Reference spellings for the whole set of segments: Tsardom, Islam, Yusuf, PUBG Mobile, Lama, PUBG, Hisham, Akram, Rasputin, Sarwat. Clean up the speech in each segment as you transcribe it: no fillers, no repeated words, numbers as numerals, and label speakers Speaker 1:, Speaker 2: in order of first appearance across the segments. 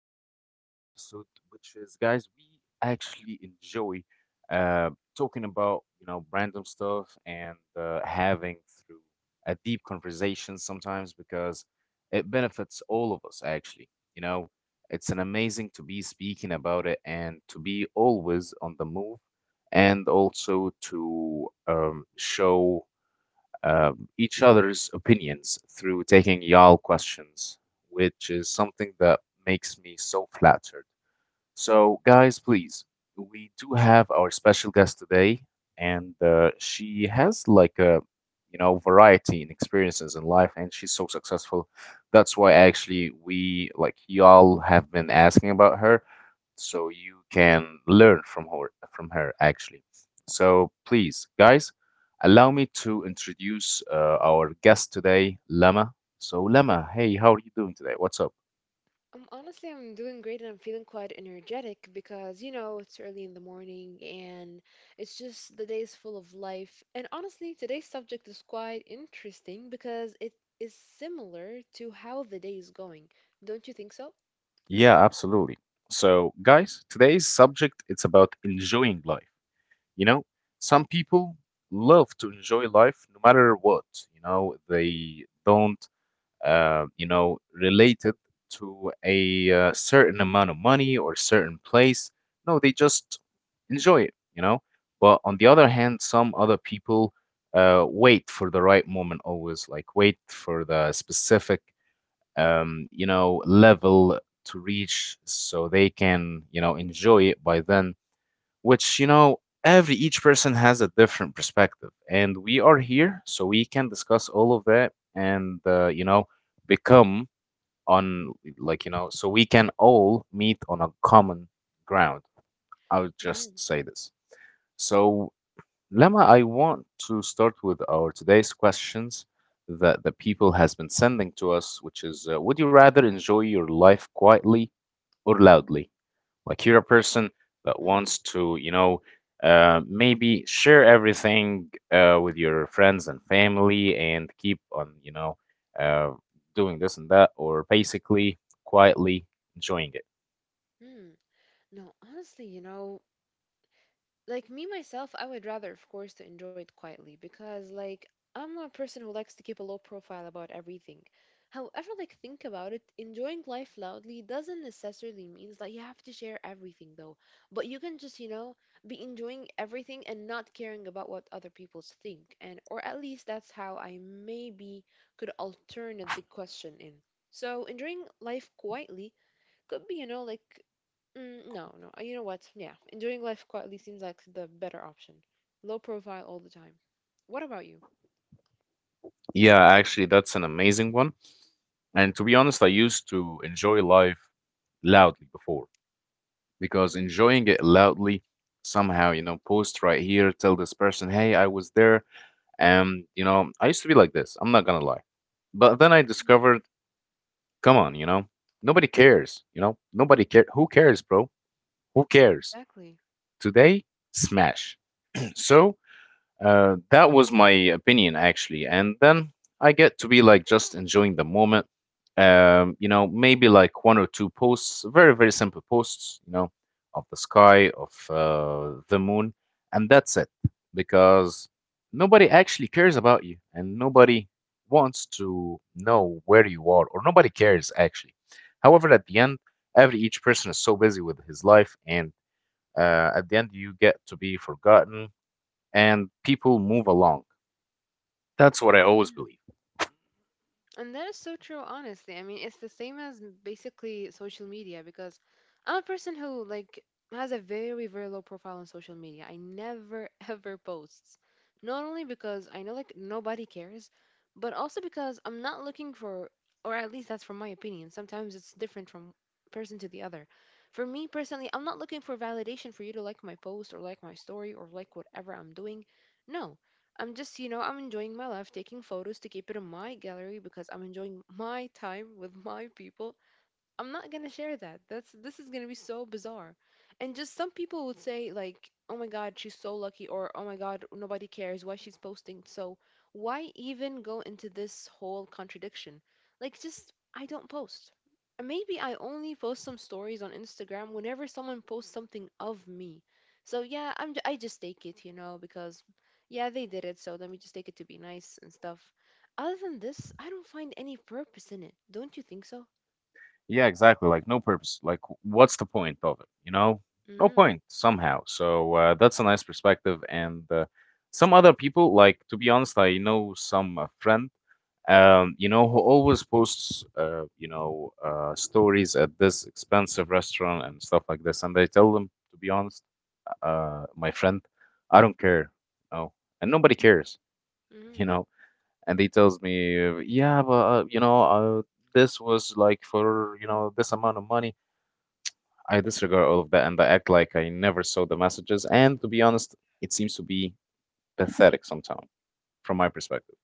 Speaker 1: our today's new episode, which is, guys, we actually enjoy uh, talking about, you know, random stuff and having through a deep conversation sometimes because it benefits all of us, actually. You know, it's an amazing to be speaking about it and to be always on the move, and also to show each other's opinions through taking y'all questions, which is something that makes me so flattered. So, guys, please, we do have our special guest today, and she has like a, you know, variety in experiences in life, and she's so successful. That's why actually we like y'all have been asking about her, so you can learn from her actually. So, please, guys, allow me to introduce our guest today, Lama. So, Lama, hey, how are you doing today? What's up?
Speaker 2: Honestly, I'm doing great and I'm feeling quite energetic because, you know, it's early in the morning and it's just the day is full of life. And honestly, today's subject is quite interesting because it is similar to how the day is going. Don't you think so?
Speaker 1: Yeah, absolutely. So, guys, today's subject it's about enjoying life. You know, some people love to enjoy life no matter what. You know, they don't, you know, relate it to a certain amount of money or certain place. No, they just enjoy it. You know, but on the other hand, some other people wait for the right moment always, like wait for the specific you know, level to reach so they can, you know, enjoy it by then, which, you know, every each person has a different perspective. And we are here so we can discuss all of that and, you know, become on, like, you know, so we can all meet on a common ground. I would
Speaker 2: Mm-hmm.
Speaker 1: just say this. So, Lama, I want to start with our today's questions that the people has been sending to us, which is, would you rather enjoy your life quietly or loudly? Like you're a person that wants to, you know, maybe share everything with your friends and family and keep on, you know, uh, doing this and that, or basically quietly enjoying it.
Speaker 2: Mm-hmm. No, honestly, you know, like me myself, I would rather, of course, to enjoy it quietly because, like, I'm a person who likes to keep a low profile about everything. However, like, think about it, enjoying life loudly doesn't necessarily means that you have to share everything, though. But you can just, you know, be enjoying everything and not caring about what other people think. And, or at least that's how I maybe could alternate the question in. So, enjoying life quietly could be, you know, like, mm, no, no. You know what? Yeah, enjoying life quietly seems like the better option. Low profile all the time. What about you?
Speaker 1: Yeah, actually, that's an amazing one. And to be honest, I used to enjoy life loudly before, because
Speaker 2: Mm-hmm.
Speaker 1: enjoying it loudly somehow, you know, post right here, tell this person, hey, I was there. And, you know, I used to be like this. I'm not going to lie. But then I discovered, come on, you know, nobody cares. You know, nobody care. Who cares, bro? Who cares?
Speaker 2: Exactly.
Speaker 1: Today, smash. So that was my opinion actually. And then I get to be like just enjoying the moment. You know, maybe like one or two posts, very, very simple posts, you know, of the sky, of the moon, and that's it. Because nobody actually cares about you, and nobody wants to know where you are, or nobody cares actually. However, at the end, every each person is so busy with his life, and at the end, you get to be forgotten and people move along. That's what I always believe.
Speaker 2: And that is so true, honestly. I mean, it's the same as basically social media because I'm a person who like has a very, very low profile on social media. I never ever posts. Not only because I know like nobody cares, but also because I'm not looking for, or at least that's from my opinion. Sometimes it's different from person to the other. For me personally, I'm not looking for validation for you to like my post or like my story or like whatever I'm doing. No, I'm just, you know, I'm enjoying my life taking photos to keep it in my gallery because I'm enjoying my time with my people I'm not gonna share that. That's this is gonna be so bizarre. And just some people would say like, "Oh my God, she's so lucky," or "Oh my God, nobody cares why she's posting." So why even go into this whole contradiction? Like, just I don't post. Maybe I only post some stories on Instagram whenever someone posts something of me. So yeah, I'm j- I just take it, you know, because yeah, they did it, so let me just take it to be nice and stuff. Other than this, I don't find any purpose in it. Don't you think so?
Speaker 1: Yeah, exactly. Like no purpose. Like what's the point of it? You know, no
Speaker 2: Mm-hmm.
Speaker 1: point somehow. So that's a nice perspective. And some other people, like to be honest, I know some friend, you know, who always posts, you know, stories at this expensive restaurant and stuff like this. And I tell them, to be honest, my friend, I don't care. You know, and nobody cares. You
Speaker 2: Mm,
Speaker 1: know, and he tells me, "Yeah, but you know, this was like for you know this amount of money." I disregard all of that and I act like I never saw the messages. And to be honest, it seems to be pathetic sometimes from my perspective.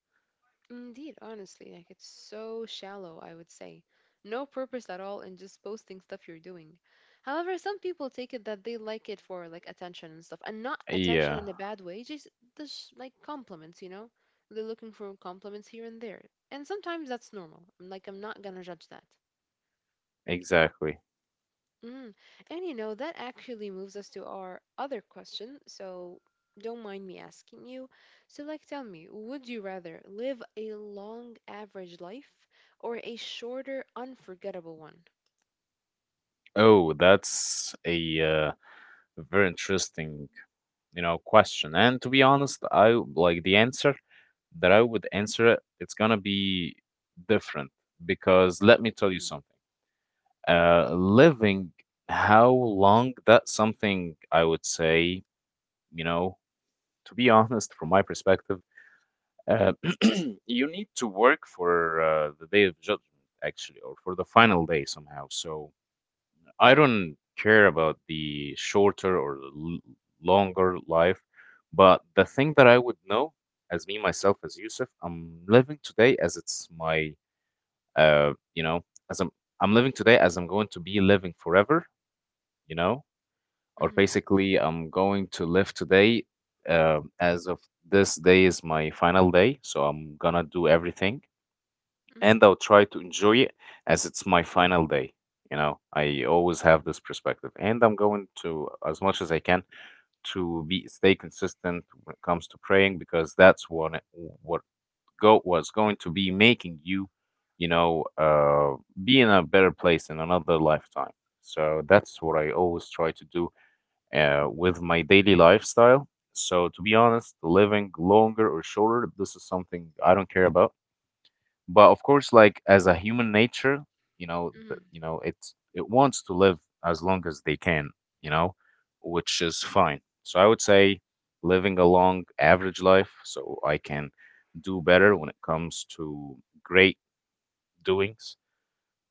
Speaker 2: indeed, honestly, like it's so shallow, I would say. No purpose at all in just posting stuff you're doing. However, some people take it that they like it for like attention and stuff, and not attention
Speaker 1: Yeah,
Speaker 2: in a bad way, just like compliments, you know? They're looking for compliments here and there. And sometimes that's normal. I'm like I'm not gonna judge that.
Speaker 1: exactly.
Speaker 2: Mm. And you know, that actually moves us to our other question. So don't mind me asking you. So, like, tell me, would you rather live a long average life or a shorter, unforgettable one?
Speaker 1: Oh, that's a very interesting, you know, question. And to be honest, like the answer that I would answer it. It's gonna be different because let me tell you
Speaker 2: Mm,
Speaker 1: something. Living how long, that's something I would say, you know, to be honest from my perspective, uh, you need to work for the day of judgment actually, or for the final day somehow. So I don't care about the shorter or l- longer life, but the thing that I would know as me myself as Yusuf, I'm living today as it's my uh, you know as I'm living today as I'm going to be living forever, you know, or
Speaker 2: mhm,
Speaker 1: basically I'm going to live today as of this day is my final day, so I'm gonna do everything, and
Speaker 2: mhm,
Speaker 1: I'll try to enjoy it as it's my final day. You know, I always have this perspective, and I'm going to, as much as I can, to be stay consistent when it comes to praying, because that's what what's going to be making you, you know, be in a better place in another lifetime. So that's what I always try to do with my daily lifestyle. So, to be honest, living longer or shorter, this is something I don't care about. But of course, like as a human nature, you know,
Speaker 2: mhm,
Speaker 1: you know, it's it wants to live as long as they can, you know, which is fine. So I would say living a long average life, so I can do better
Speaker 2: mhm,
Speaker 1: when it comes to great doings,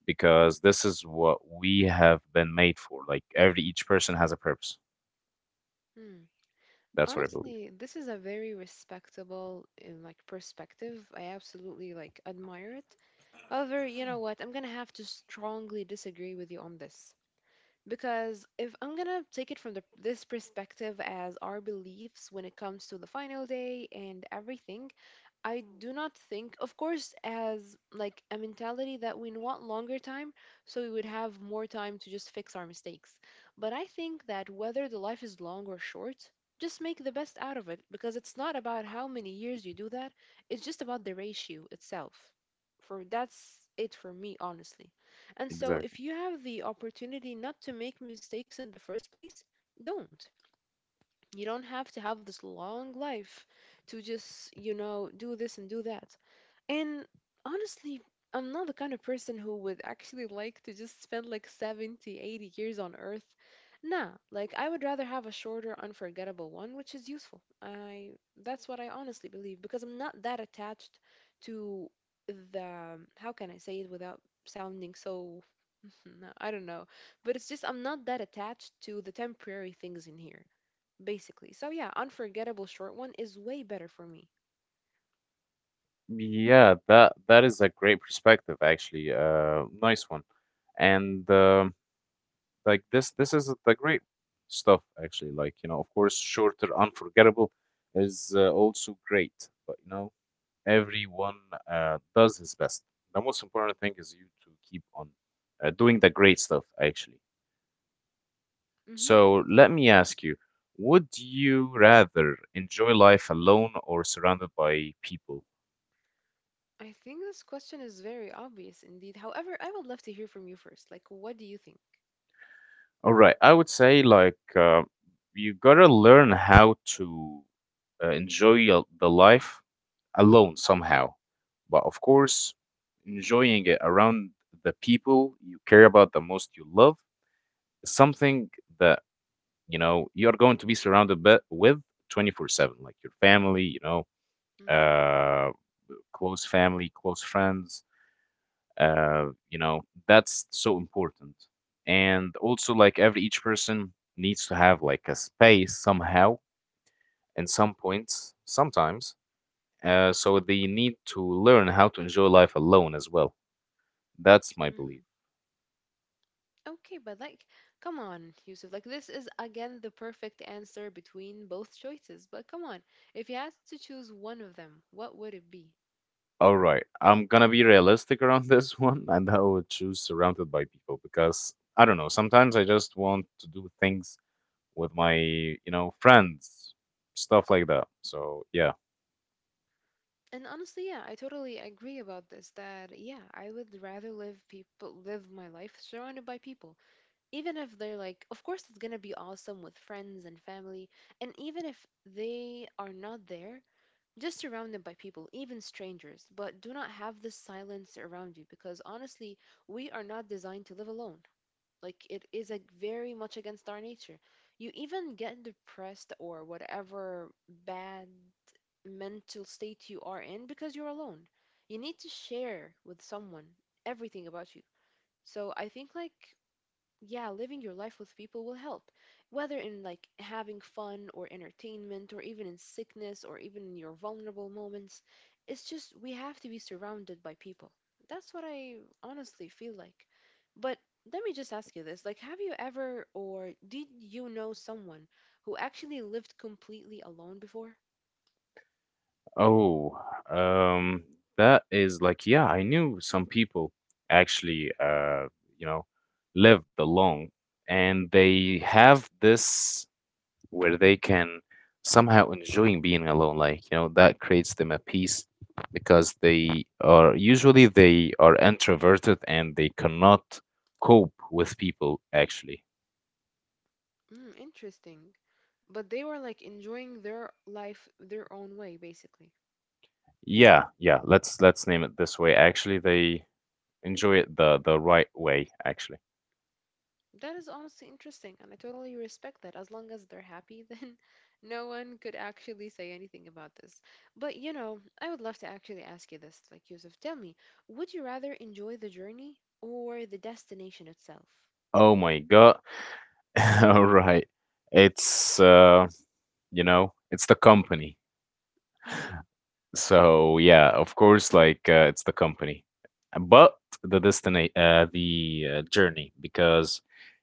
Speaker 1: because this is what we have been made for. Like every each person has a purpose.
Speaker 2: mhm.
Speaker 1: That's what I believe.
Speaker 2: Honestly, this is a very respectable like perspective. I absolutely like admire it. However, you know what? I'm gonna have to strongly disagree with you on this. Because if I'm gonna take it from this perspective as our beliefs when it comes to the final day and everything, I do not think, of course, as like a mentality that we want longer time, so we would have more time to just fix our mistakes. But I think that whether the life is long or short, just make the best out of it because it's not about how many years you do that, it's just about the ratio itself. For that's it for me, honestly. And so
Speaker 1: Exactly.
Speaker 2: if you have the opportunity not to make mistakes in the first place, don't. You don't have to have this long life to just, you know, do this and do that. And honestly, I'm not the kind of person who would actually like to just spend like 70, 80 years on Earth. Nah, like I would rather have a shorter, unforgettable one, which is useful. I that's what I honestly believe because I'm not that attached to the how can I say it without sounding so no, I don't know, but it's just I'm not that attached to the temporary things in here, basically. So yeah, unforgettable short one is way better for me.
Speaker 1: Yeah, that is a great perspective, actually. Nice one. And like this is the great stuff, actually. Like, you know, of course, shorter, unforgettable is also great. But you know, everyone does his best. The most important thing is you to keep on doing the great stuff, actually.
Speaker 2: Mm-hmm,
Speaker 1: So let
Speaker 2: indeed.
Speaker 1: me ask you, would you rather enjoy life alone or surrounded by people?
Speaker 2: I think this question is very obvious indeed. However, I would love to hear from you first. Like, what do you think?
Speaker 1: All right, I would say like you gotta learn how to the life alone somehow, but of course, enjoying it around the people you care about the most, you love, is something that, you know, you are going to be surrounded with 24/7, like your family, you know,
Speaker 2: Mm-hmm.
Speaker 1: uh, close family, close friends, you know, that's so important. And also like every each person needs to have like a space somehow in some points sometimes, so they need to learn how to enjoy life alone as well. That's my belief.
Speaker 2: Mm-hmm. Okay, but like, come on, Yusuf. Like, this is again the perfect answer between both choices. But come on, if you had to choose one of them, what would it be?
Speaker 1: All right, I'm gonna be realistic around this one, and I would choose surrounded by people, because I don't know, sometimes I just want to do things with my, you know, friends, stuff like that. So yeah.
Speaker 2: And honestly, yeah, I totally agree about this. That yeah, I would rather live people live my life surrounded by people, even if they're like, of course, it's gonna be awesome with friends and family, and even if they are not there Just surround them by people, even strangers, but do not have this silence around you because honestly, we are not designed to live alone. Like it is like very much against our nature. You even get depressed or whatever bad mental state you are in because you're alone. You need to share with someone everything about you. So I think like yeah, living your life with people will help, whether in like having fun or entertainment or even in sickness or even in your vulnerable moments. It's just we have to be surrounded by people. That's what I honestly feel like. But let me just ask you this, like have you ever or did you know someone who actually lived completely alone before?
Speaker 1: Oh, um, that is like, yeah, I knew some people actually, you know, lived alone, and they have this where they can somehow enjoying being alone. Like, you know, that creates them a peace because they are usually they are introverted and they cannot cope with people actually.
Speaker 2: Mm, interesting. But they were like enjoying their life their own way, basically.
Speaker 1: Yeah, yeah, let's name it this way. Actually, they enjoy it the right way, actually.
Speaker 2: That is honestly interesting, and I totally respect that. As long as they're happy, then no one could actually say anything about this. But you know, I would love to actually ask you this, like Yusuf, tell me, would you rather enjoy the journey or the destination itself?
Speaker 1: Oh my God. All right. It's you know, it's the company.
Speaker 2: Mm-hmm.
Speaker 1: So yeah, of course, like it's the company, but the destination, the journey. Because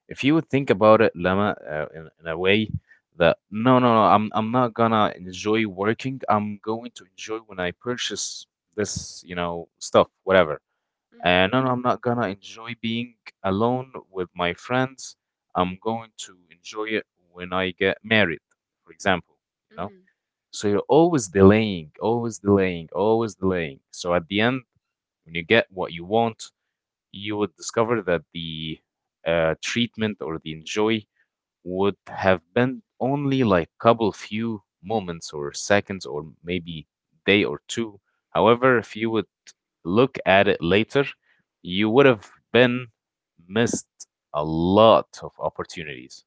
Speaker 1: if you would think about it, Lama, in a way that no, no, no, I'm not gonna enjoy working. I'm going to enjoy when I purchase this, you know, stuff, whatever.
Speaker 2: Mm-hmm.
Speaker 1: And no, no, I'm not gonna enjoy being alone with my friends. I'm going to enjoy it when I get married, for example, you know?
Speaker 2: Mm-hmm.
Speaker 1: So you're always delaying, always delaying, always delaying. So at the end, when you get what you want, you would discover that the treatment or the enjoy would have been only like couple few moments or seconds, or maybe day or two. However, if you would look at it later, you would have been missed a lot of opportunities.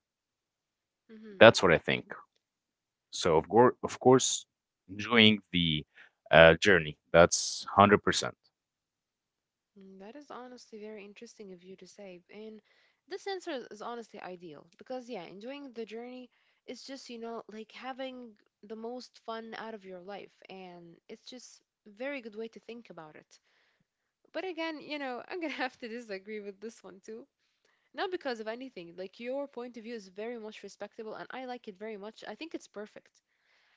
Speaker 2: mm-hmm.
Speaker 1: That's what I think. So of course, enjoying the journey. That's 100%.
Speaker 2: Mm, that is honestly very interesting of you to say. And this answer is honestly ideal because, yeah, enjoying the journey is just, you know, like having the most fun out of your life. And it's just very good way to think about it. But again, you know, I'm gonna have to disagree with this one too. Not because of anything, like your point of view is very much respectable and I like it very much. I think it's perfect.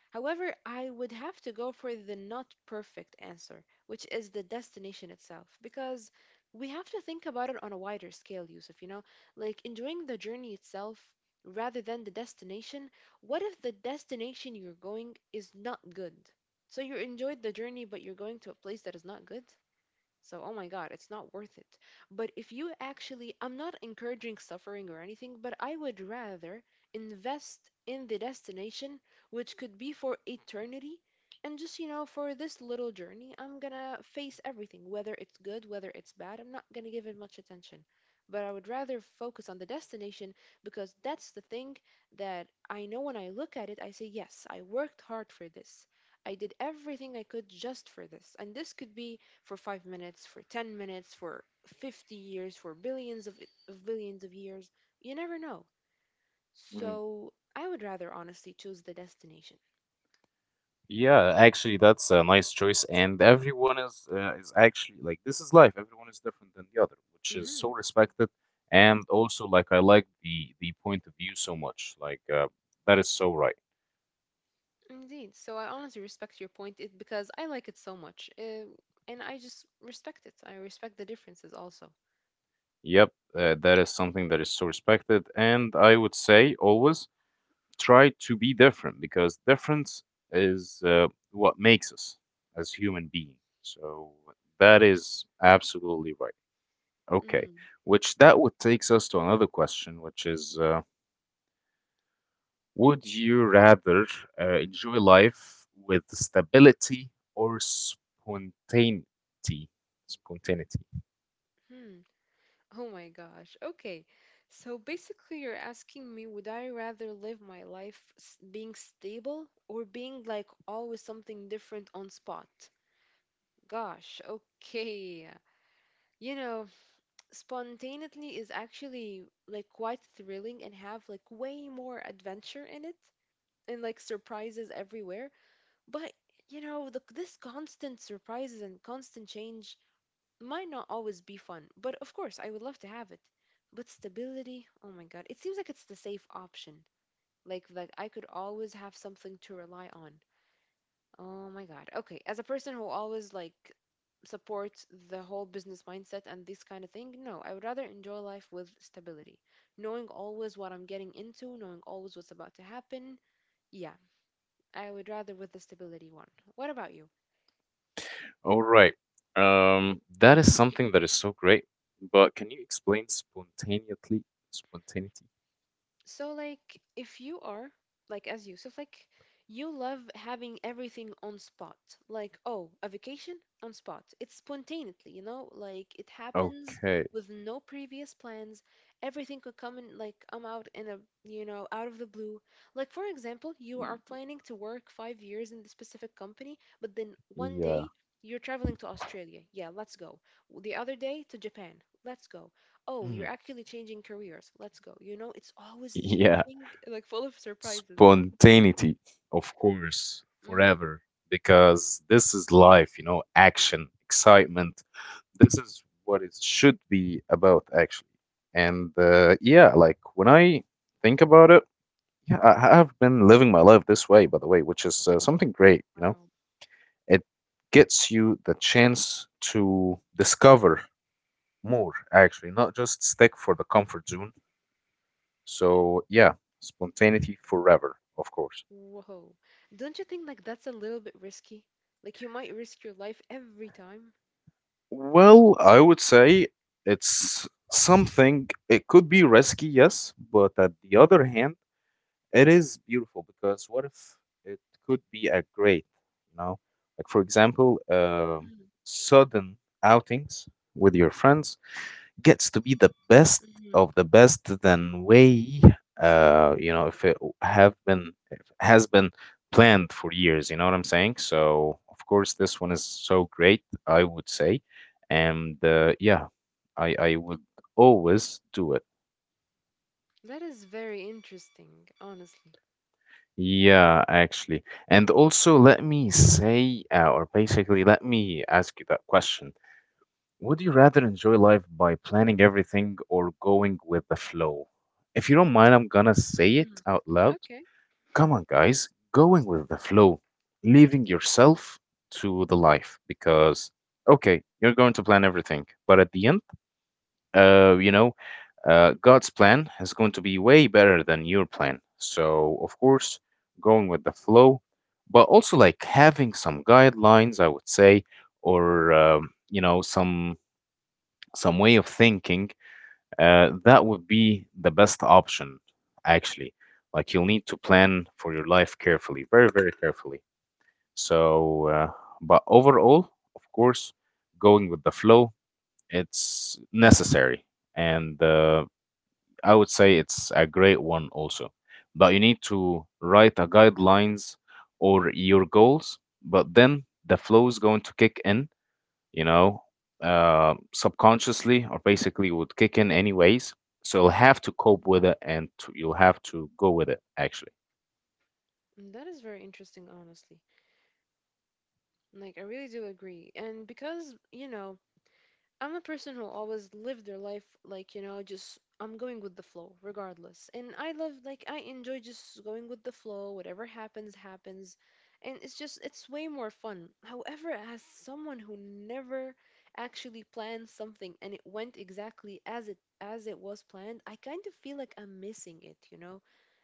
Speaker 2: However, I would have to go for the not perfect answer, which is the destination itself, because we have to think about it on a wider scale, Yusuf, you know, like enjoying the journey itself rather than the destination. What if the destination you're going is not good? So you enjoyed the journey, but you're going to a place that is not good? So, oh my God, it's not worth it. But if you actually, I'm not encouraging suffering or anything, but I would rather invest in the destination, which could be for eternity. And just, you know, for this little journey, I'm gonna face everything, whether it's good, whether it's bad. I'm not gonna give it much attention. But I would rather focus on the destination because that's the thing that I know when I look at it, I say, yes, I worked hard for this. I did everything I could just for this. And this could be for 5 minutes, for 10 minutes, for 50 years, for of billions of years. You never know.
Speaker 1: Mhm.
Speaker 2: So I would rather honestly choose the destination.
Speaker 1: Yeah, actually, that's a nice choice, and everyone is actually like this is life. Everyone is different than the other, which is
Speaker 2: Mm-hmm.
Speaker 1: so respected, and also like I like the point of view so much. Like that is so right.
Speaker 2: Indeed. So I honestly respect your point it, because I like it so much. And I just respect it. I respect the differences also.
Speaker 1: Yep, that is something that is so respected. And I would say always try to be different, because difference is what makes us as human being. So that is absolutely right. Okay,
Speaker 2: Mm,
Speaker 1: which that would takes us to another question, which is would you rather enjoy life with stability or spontaneity? Spontaneity.
Speaker 2: hmm. Oh my gosh. Okay. So basically, you're asking me, would I rather live my life being stable or being like always something different on spot? Gosh, okay. You know, spontaneity is actually like quite thrilling and have like way more adventure in it and like surprises everywhere. But you know, this constant surprises and constant change might not always be fun. But of course, I would love to have it. But stability, oh my God, it seems like it's the safe option. Like I could always have something to rely on. Oh my God. Okay. As a person who always like supports the whole business mindset and this kind of thing, no, I would rather enjoy life with stability. Knowing always what I'm getting into, knowing always what's about to happen. Yeah, I would rather with the stability one. What about you?
Speaker 1: All right. That is something that is so great. But can you explain spontaneously? Spontaneity?
Speaker 2: So, like, if you are, like, as Yusuf, like, you love having everything on spot. Like, oh, a vacation on spot. It's spontaneously, you know? Like, it happens
Speaker 1: Okay.
Speaker 2: with no previous plans. Everything could come in, like, I'm out in a, you know, out of the blue. Like, for example, you
Speaker 1: y-
Speaker 2: are planning to work 5 years in the specific company, but then one
Speaker 1: Yeah.
Speaker 2: day you're traveling to Australia. Yeah, let's go. The other day to Japan. Let's go. Oh, you're
Speaker 1: Mhm.
Speaker 2: actually changing careers. Let's go. You know, it's always
Speaker 1: Yeah.
Speaker 2: changing, like full of surprises.
Speaker 1: Spontaneity, of course,
Speaker 2: Hmm.
Speaker 1: forever. Because this is life, you know, action, excitement. This is what it should be about, actually. Like when I think about it, yeah, I have been living my life this way, by the way, which is something great, you know
Speaker 2: Wow.
Speaker 1: It Gets you the chance to discover more, actually, not just stick for the comfort zone. So, yeah, spontaneity forever, of course.
Speaker 2: Whoa. Don't you think like that's a little bit risky? Like you might risk your life every time.
Speaker 1: Well, I would say it's something, it could be risky, yes, but at the other hand, it is beautiful because what if it could be a great, you know, like for example, sudden outings with your friends gets to be the best
Speaker 2: Mm-hmm.
Speaker 1: of the best than way you know if it have been if it has been planned for years, you know what I'm saying? So of course this one is so great, I would say. And I would always do it.
Speaker 2: That is very interesting, honestly.
Speaker 1: Yeah, actually, and also let me say or basically let me ask you that question. Would you rather enjoy life by planning everything or going with the flow? If you don't mind, I'm gonna say it
Speaker 2: Mm,
Speaker 1: out loud.
Speaker 2: okay.
Speaker 1: Come on, guys, going with the flow, leaving yourself to the life because, okay, you're going to plan everything, but at the end, you know, God's plan is going to be way better than your plan. So, of course, going with the flow, but also like having some guidelines, I would say, or you know, some way of thinking, that would be the best option, actually. Like you'll need to plan for your life carefully, very, very carefully. So, but overall, of course, going with the flow, it's necessary. And I would say it's a great one also. But you need to write a guidelines or your goals, but then the flow is going to kick in, you know, subconsciously or basically would kick in anyways. So you'll
Speaker 2: Mm-hmm.
Speaker 1: have to cope with it you'll have to go with it, actually.
Speaker 2: That is very interesting, honestly. Like, I really do agree. And because I'm a person who always live their life like just I'm going with the flow regardless. And I love I enjoy just going with the flow, whatever happens happens. And it's way more fun. However, as someone who never actually planned something and it went exactly as it was planned, I kind of feel like I'm missing it.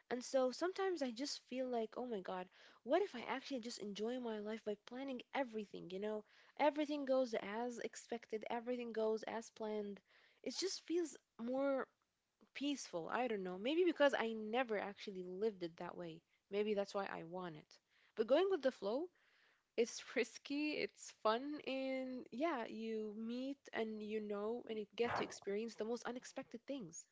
Speaker 2: And so sometimes I just feel like, oh my God, what if I actually just enjoy my life by planning everything? Everything goes as expected, everything goes as planned. It just feels more peaceful. I don't know. Maybe because I never actually lived it that way. Maybe that's why I want it. But going with the flow, it's risky, it's fun, and yeah, you meet and you know and you get to experience the most unexpected things.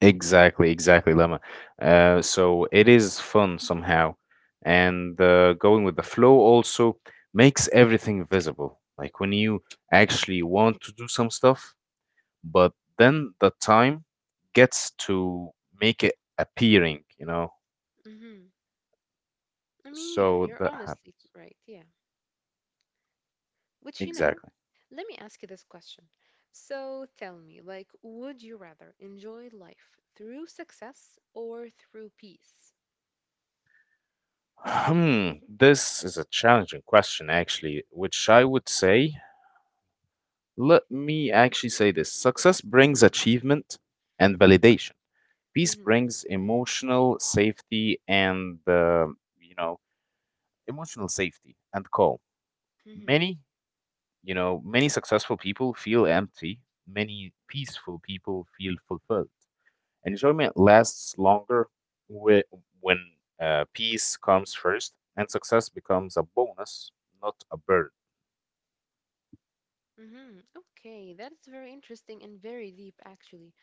Speaker 1: Exactly, exactly, Lemma. So it is fun somehow. And going with the flow also makes everything visible. Like when you actually want to do some stuff, but then the time gets to make it appearing, you know?
Speaker 2: Hmm. I mean, yeah,
Speaker 1: So
Speaker 2: you're
Speaker 1: that
Speaker 2: honestly
Speaker 1: happens.
Speaker 2: right. Yeah. Which,
Speaker 1: Exactly.
Speaker 2: let me ask you this question. So tell me, like, would you rather enjoy life through success or through peace?
Speaker 1: Hmm, this is a challenging question, actually, which I would say, let me actually say this. Success brings achievement and validation. Peace
Speaker 2: Mm-hmm.
Speaker 1: brings emotional safety and, you know, emotional safety and calm.
Speaker 2: Mm-hmm.
Speaker 1: Many, you know, many successful people feel empty. Many peaceful people feel fulfilled. Enjoyment lasts longer whe- when peace comes first, and success becomes a bonus, not a burden.
Speaker 2: Mm-hmm. Okay, that is very interesting and very deep, actually.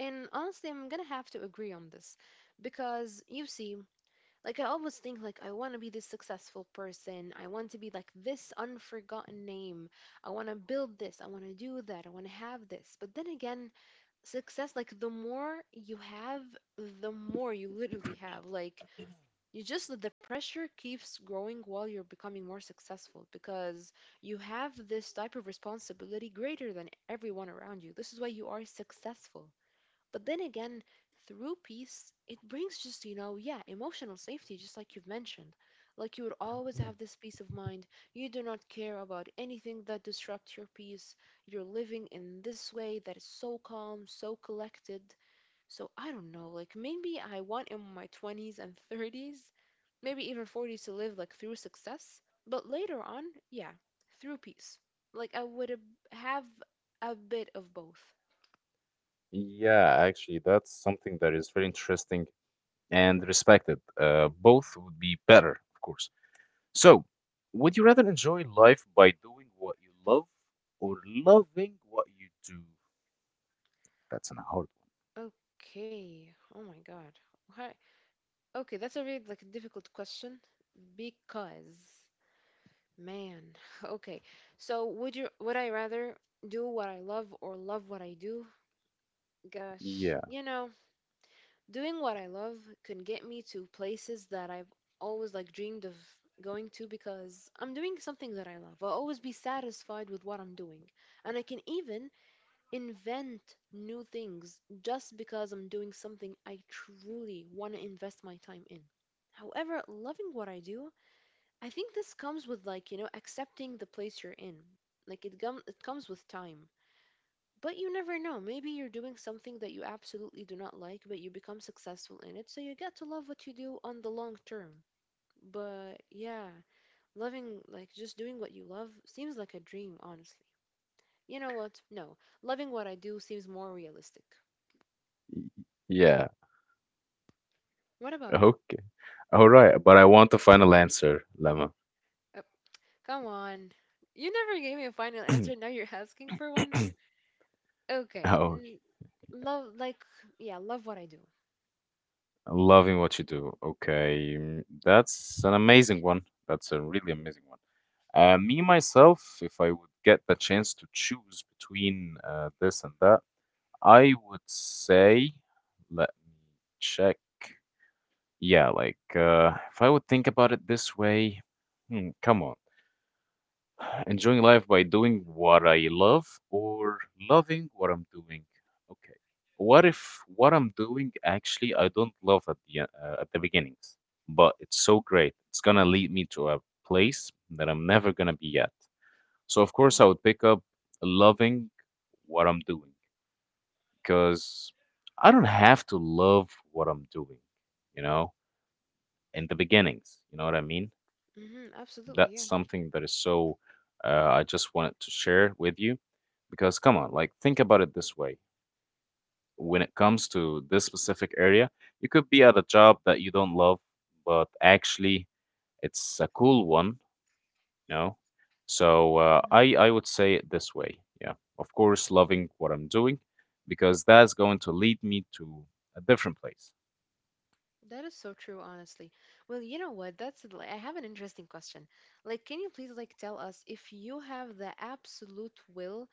Speaker 2: And honestly, I'm gonna have to agree on this because you see, like, I always think like I want to be this successful person. I want to be like this unforgotten name. I want to build this. I want to do that. I want to have this. But then again, success like the more you have the more you literally have like you just the pressure keeps growing while you're becoming more successful because you have this type of responsibility greater than everyone around you, this is why you are successful. But then again, through peace, it brings just, yeah, emotional safety, just like you've mentioned. Like you would always have this peace of mind. You do not care about anything that disrupts your peace. You're living in this way that is so calm, so collected. So I don't know, like maybe I want in my 20s and 30s, maybe even 40s to live like through success. But later on, yeah, through peace. Like I would ab- have a bit of both.
Speaker 1: Yeah, actually, that's something that is very interesting and respected. Both would be better, of course. So, would you rather enjoy life by doing what you love or loving what you do? That's an hard one.
Speaker 2: Okay. Oh my God. Why? Okay, that's a really like a difficult question because man. Okay. So would I rather do what I love or love what I do? Gosh,
Speaker 1: Yeah.
Speaker 2: doing what I love can get me to places that I've always like dreamed of going to because I'm doing something that I love. I'll always be satisfied with what I'm doing. And I can even invent new things just because I'm doing something I truly want to invest my time in. However, loving what I do, I think this comes with like, accepting the place you're in. Like it comes with time. But you never know. Maybe you're doing something that you absolutely do not like, but you become successful in it, so you get to love what you do on the long term. But yeah, loving like just doing what you love seems like a dream, honestly. You know what? No. Loving what I do seems more realistic.
Speaker 1: y- Yeah.
Speaker 2: What about you?
Speaker 1: Okay. All right. But I want the final answer, Lemma.
Speaker 2: Oh, come on. You never gave me a final answer. Now you're asking for one. Okay.
Speaker 1: Oh,
Speaker 2: Mm, love, like, yeah, love what I do.
Speaker 1: loving what you do. Okay. Mm, that's an amazing one. That's a really amazing one. Me myself, if I would get the chance to choose between this and that, I would say, let me check. Yeah, like if I would think about it this way, hmm, come on. Enjoying life by doing what I love or loving what I'm doing. Okay. What if what I'm doing actually I don't love at the at the beginnings, but it's so great. It's gonna lead me to a place that I'm never gonna be at. So of course I
Speaker 2: Hmm.
Speaker 1: would pick up loving what I'm doing because I don't have to love what I'm doing, you know, in the beginnings, you know what I mean?
Speaker 2: Hmm. Absolutely,
Speaker 1: That's
Speaker 2: yeah.
Speaker 1: something that is so I just wanted to share with you because come on, like think about it this way. When it comes to this specific area, you could be at a job that you don't love, but actually it's a cool one. No. So uh, I
Speaker 2: Mm-hmm.
Speaker 1: I would say it this way. Yeah. Of course, loving what I'm doing because that's going to lead me to a different place.
Speaker 2: That is so true, honestly. Well, you know what? That's li- I have an interesting question. Like, can you please like tell us if you have the absolute will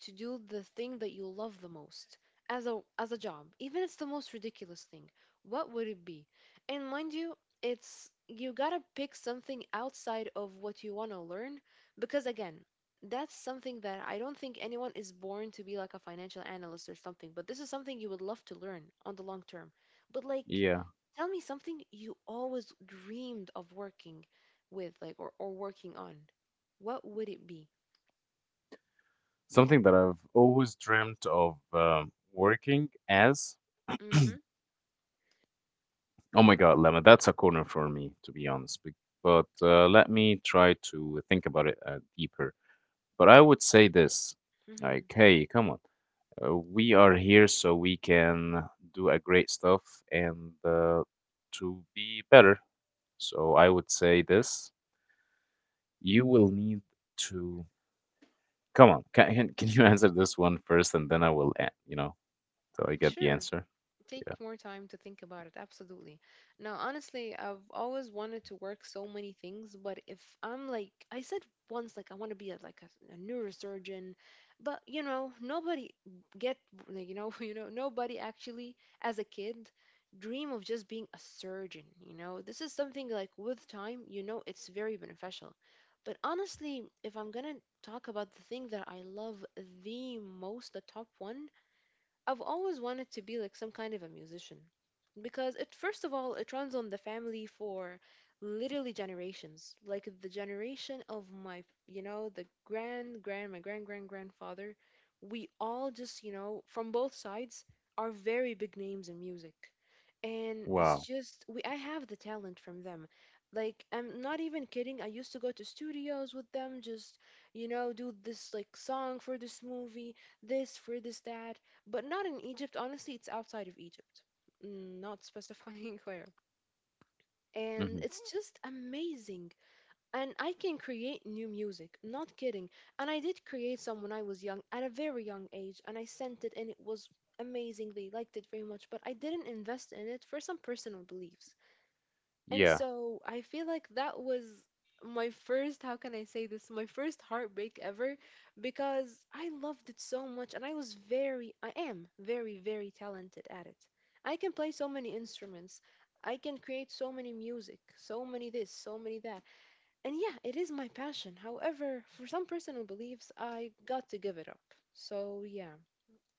Speaker 2: to do the thing that you love the most as a job, even it's the most ridiculous thing, what would it be? And mind you, it's you gotta pick something outside of what you want to learn because again, that's something that I don't think anyone is born to be like a financial analyst or something, but this is something you would love to learn on the long term. But like
Speaker 1: Yeah.
Speaker 2: tell me something you always dreamed of working with, like, or working on. What would it be?
Speaker 1: Something that I've always dreamt of working as.
Speaker 2: Mm-hmm.
Speaker 1: Oh my God, Lemma, that's a corner for me, to be honest. But let me try to think about it deeper. But I would say this, like,
Speaker 2: Mm-hmm.
Speaker 1: hey, come on, we are here so we can do a great stuff and to be better. So I would say this, you will need to come on. Can you answer this one first and then I will, you know, so I get the
Speaker 2: Sure.
Speaker 1: answer?
Speaker 2: Take
Speaker 1: Yeah.
Speaker 2: more time to think about it, absolutely. Now honestly, I've always wanted to work so many things, but if I'm like I said once, like I want to be a neurosurgeon. But nobody get like, nobody actually as a kid dream of just being a surgeon. This is something like with time, it's very beneficial. But honestly, if I'm gonna talk about the thing that I love the most, the top one, I've always wanted to be like some kind of a musician because it, first of all, it runs on the family for literally generations. Like the generation of my, the grand grand my grand grand grandfather. We all just, from both sides are very big names in music, and it's
Speaker 1: Wow.
Speaker 2: just we I have the talent from them. Like I'm not even kidding. I used to go to studios with them, just do this like song for this movie, this for this that, but not in Egypt. Honestly, it's outside of Egypt. Mm, not specifying where. And
Speaker 1: Hmm.
Speaker 2: it's just amazing. And I can create new music. Not kidding. And I did create some when I was young, at a very young age, and I sent it, and it was amazing. They liked it very much, but I didn't invest in it for some personal beliefs. And
Speaker 1: Yeah.
Speaker 2: so I feel like that was my first, how can I say this? My first heartbreak ever because I loved it so much and I was very, I am very, very talented at it. I can play so many instruments. I can create so many music, so many this, so many that. And yeah, it is my passion. However, for some personal beliefs, I got to give it up. So yeah,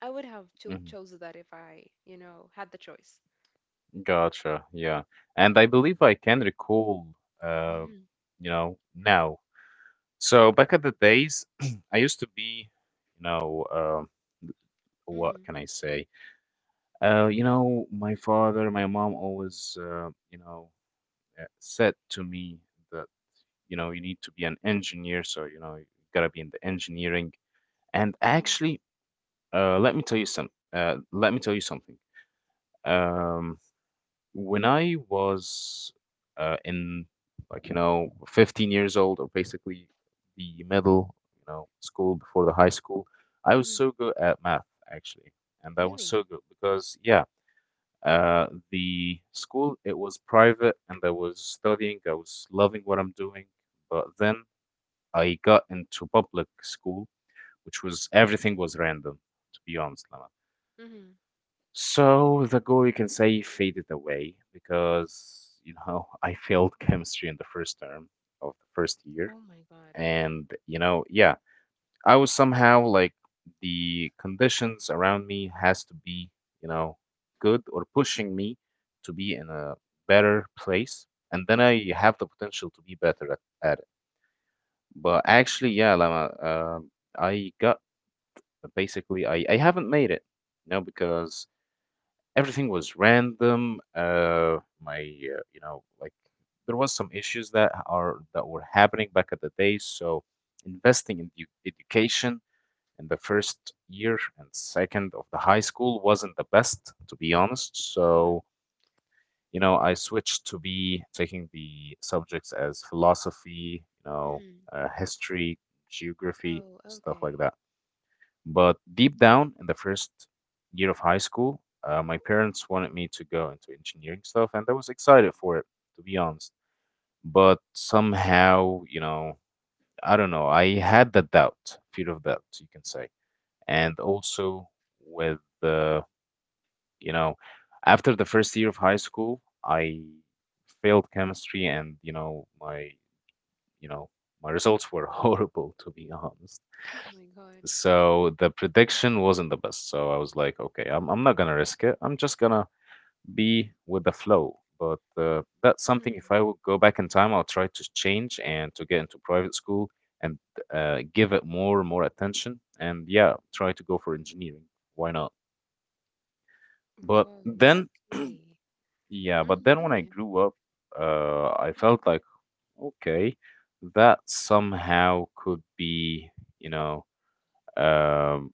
Speaker 2: I would have cho-
Speaker 1: Hmm.
Speaker 2: chosen that if I, had the choice.
Speaker 1: Gotcha. Yeah. And I believe I can recall, um,
Speaker 2: Hmm.
Speaker 1: you know, now. So back at the days, I used to be, you know, what
Speaker 2: Hmm.
Speaker 1: can I say? You know, my father, my mom always, you know, said to me that you know you need to be an engineer, so you know you gotta be in the engineering. And
Speaker 2: Hmm.
Speaker 1: actually, let me tell you something, um, when I was in, like, you know, 15 years old, or basically the middle, you know, school before the high school, I was
Speaker 2: Hmm.
Speaker 1: so good at math, actually. And that was
Speaker 2: Really?
Speaker 1: so good because yeah, the school, it was private, and I was studying, I was loving what I'm doing. But then I got into public school, which was everything was random, to be honest, Lama.
Speaker 2: Mm-hmm.
Speaker 1: So the goal, you can say, faded away because, you know, I failed chemistry in the first term of the first year,
Speaker 2: Oh my God.
Speaker 1: and you know, yeah, I was somehow like the conditions around me has to be, you know, good or pushing me to be in a better place, and then I have the potential to be better at it. But actually, yeah, Lama, I got. But basically, I haven't made it, you know, because everything was random. You know, like there was some issues that were happening back at the day. So investing in the education in the first year and second of the high school wasn't the best, to be honest.
Speaker 2: Mm-hmm.
Speaker 1: So you know, I switched to be taking the subjects as philosophy, you know,
Speaker 2: Mm-hmm.
Speaker 1: history, geography,
Speaker 2: Oh,
Speaker 1: stuff
Speaker 2: okay.
Speaker 1: like that. But deep down, in the first year of high school, my parents wanted me to go into engineering stuff, and I was excited for it, to be honest. But somehow, you know, I don't know, I had that doubt, fear of doubt, you can say. And also with the, you know, after the first year of high school, I failed chemistry, and you know, my results were horrible, to be honest.
Speaker 2: Oh my God.
Speaker 1: So the prediction wasn't the best. So I was like, okay, I'm not gonna risk it. I'm just gonna be with the flow. But that's something. If
Speaker 2: Mm.
Speaker 1: I would go back in time, I'll try to change and to get into private school and give it more and more attention. And yeah, try to go for engineering. Why not? But
Speaker 2: Whoa.
Speaker 1: then,
Speaker 2: Okay.
Speaker 1: yeah, but
Speaker 2: Mm,
Speaker 1: then
Speaker 2: tell
Speaker 1: when I
Speaker 2: me.
Speaker 1: grew up, I felt like okay, that somehow could be, you know, um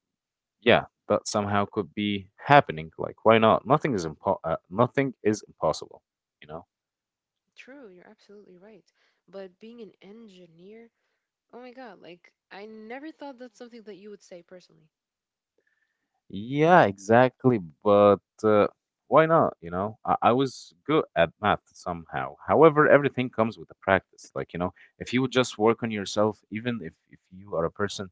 Speaker 1: yeah that somehow could be happening, like why not, nothing is nothing is impossible, you know.
Speaker 2: True, you're absolutely right. But being an engineer, oh my God, like I never thought that's something that you would say personally.
Speaker 1: Yeah, exactly, but why not, you know, I was good at math somehow, however everything comes with the practice, like you know, if you would just work on yourself, even if you are a person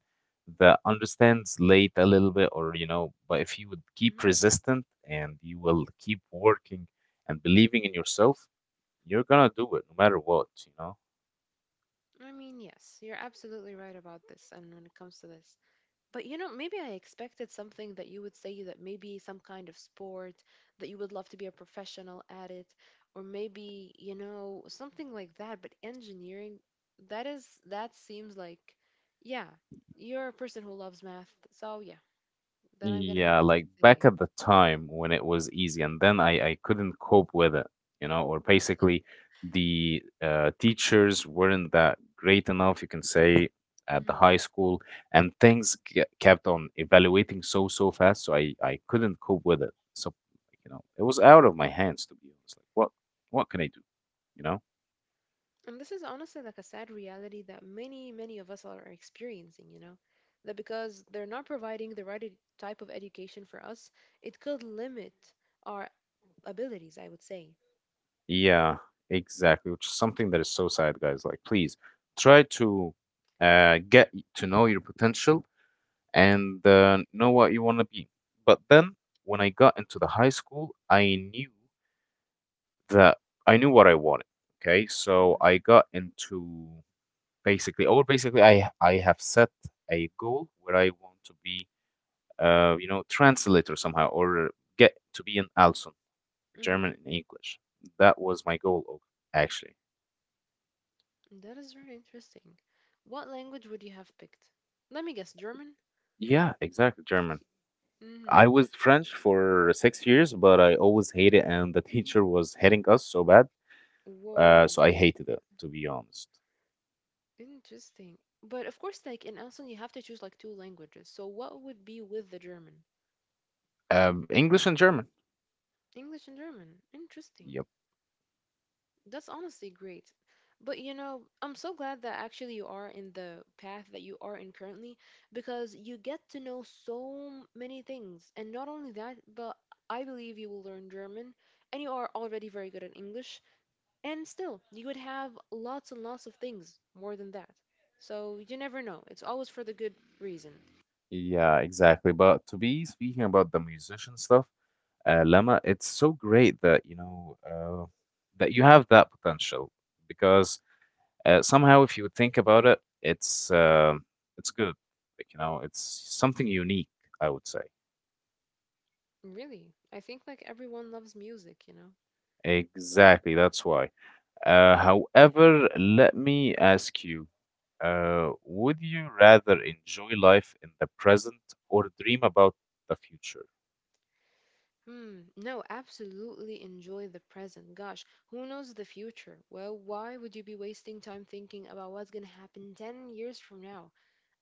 Speaker 1: that understands late a little bit, or you know, but if you would keep
Speaker 2: Hmm.
Speaker 1: resistant and you will keep working and believing in yourself, you're gonna do it no matter what, you know.
Speaker 2: I mean, yes, you're absolutely right about this. And when it comes to this, but maybe I expected something that you would say, that maybe some kind of sport that you would love to be a professional at it, or maybe, something like that. But engineering, that is, that seems like, yeah, you're a person who loves math. So yeah, then I'm gonna
Speaker 1: Yeah,
Speaker 2: have to
Speaker 1: like back
Speaker 2: say,
Speaker 1: at the time when it was easy, and then I couldn't cope with it, you know, or basically the teachers weren't that great enough, you can say, at the
Speaker 2: hmm.
Speaker 1: high school, and things kept on evaluating so, so fast, so I couldn't cope with it. So, you know, it was out of my hands, to be honest. Like, what can I do, you know?
Speaker 2: And this is honestly like a sad reality that many, many of us are experiencing, that because they're not providing the right ed- type of education for us, it could limit our abilities, I would say.
Speaker 1: Yeah, exactly, which is something that is so sad, guys. Like, please try to get to know your potential and know what you want to be. But then when I got into the high school, I knew that I knew what I wanted. Okay,
Speaker 2: Mm,
Speaker 1: so I got into basically, or basically, I have set a goal where I want to be, you know, translator somehow, or get to be an Alson,
Speaker 2: mhm.
Speaker 1: German and English. That was my goal, actually.
Speaker 2: That is very interesting. What language would you have picked? Let me guess, German?
Speaker 1: Yeah, exactly, German. I
Speaker 2: Mm.
Speaker 1: was French for 6 years, but I always hated, and the teacher was hating us so bad.
Speaker 2: Whoa,
Speaker 1: So I hated it, to be honest.
Speaker 2: interesting. But of course, like in Elson, you have to choose like two languages. So what would be with the German?
Speaker 1: English and German.
Speaker 2: English and German. Interesting.
Speaker 1: Yep.
Speaker 2: That's honestly great. But I'm so glad that actually you are in the path that you are in currently because you get to know so m- many things. And not only that, but I believe you will learn German and you are already very good at English. And still, you would have lots and lots of things more than that. So you never know. It's always for the good reason.
Speaker 1: Yeah, exactly. But to be speaking about the musician stuff, Lama, it's so great that you know that you have that potential because somehow, if you think about it, it's good. Like it's something unique. I would say.
Speaker 2: Really, I think like everyone loves music, you know?
Speaker 1: Exactly. That's why. However, let me ask you. Would you rather enjoy life in the present or dream about the future?
Speaker 2: Mm, no, absolutely enjoy the present. Gosh, who knows the future? Well, why would you be wasting time thinking about what's going to happen 10 years from now?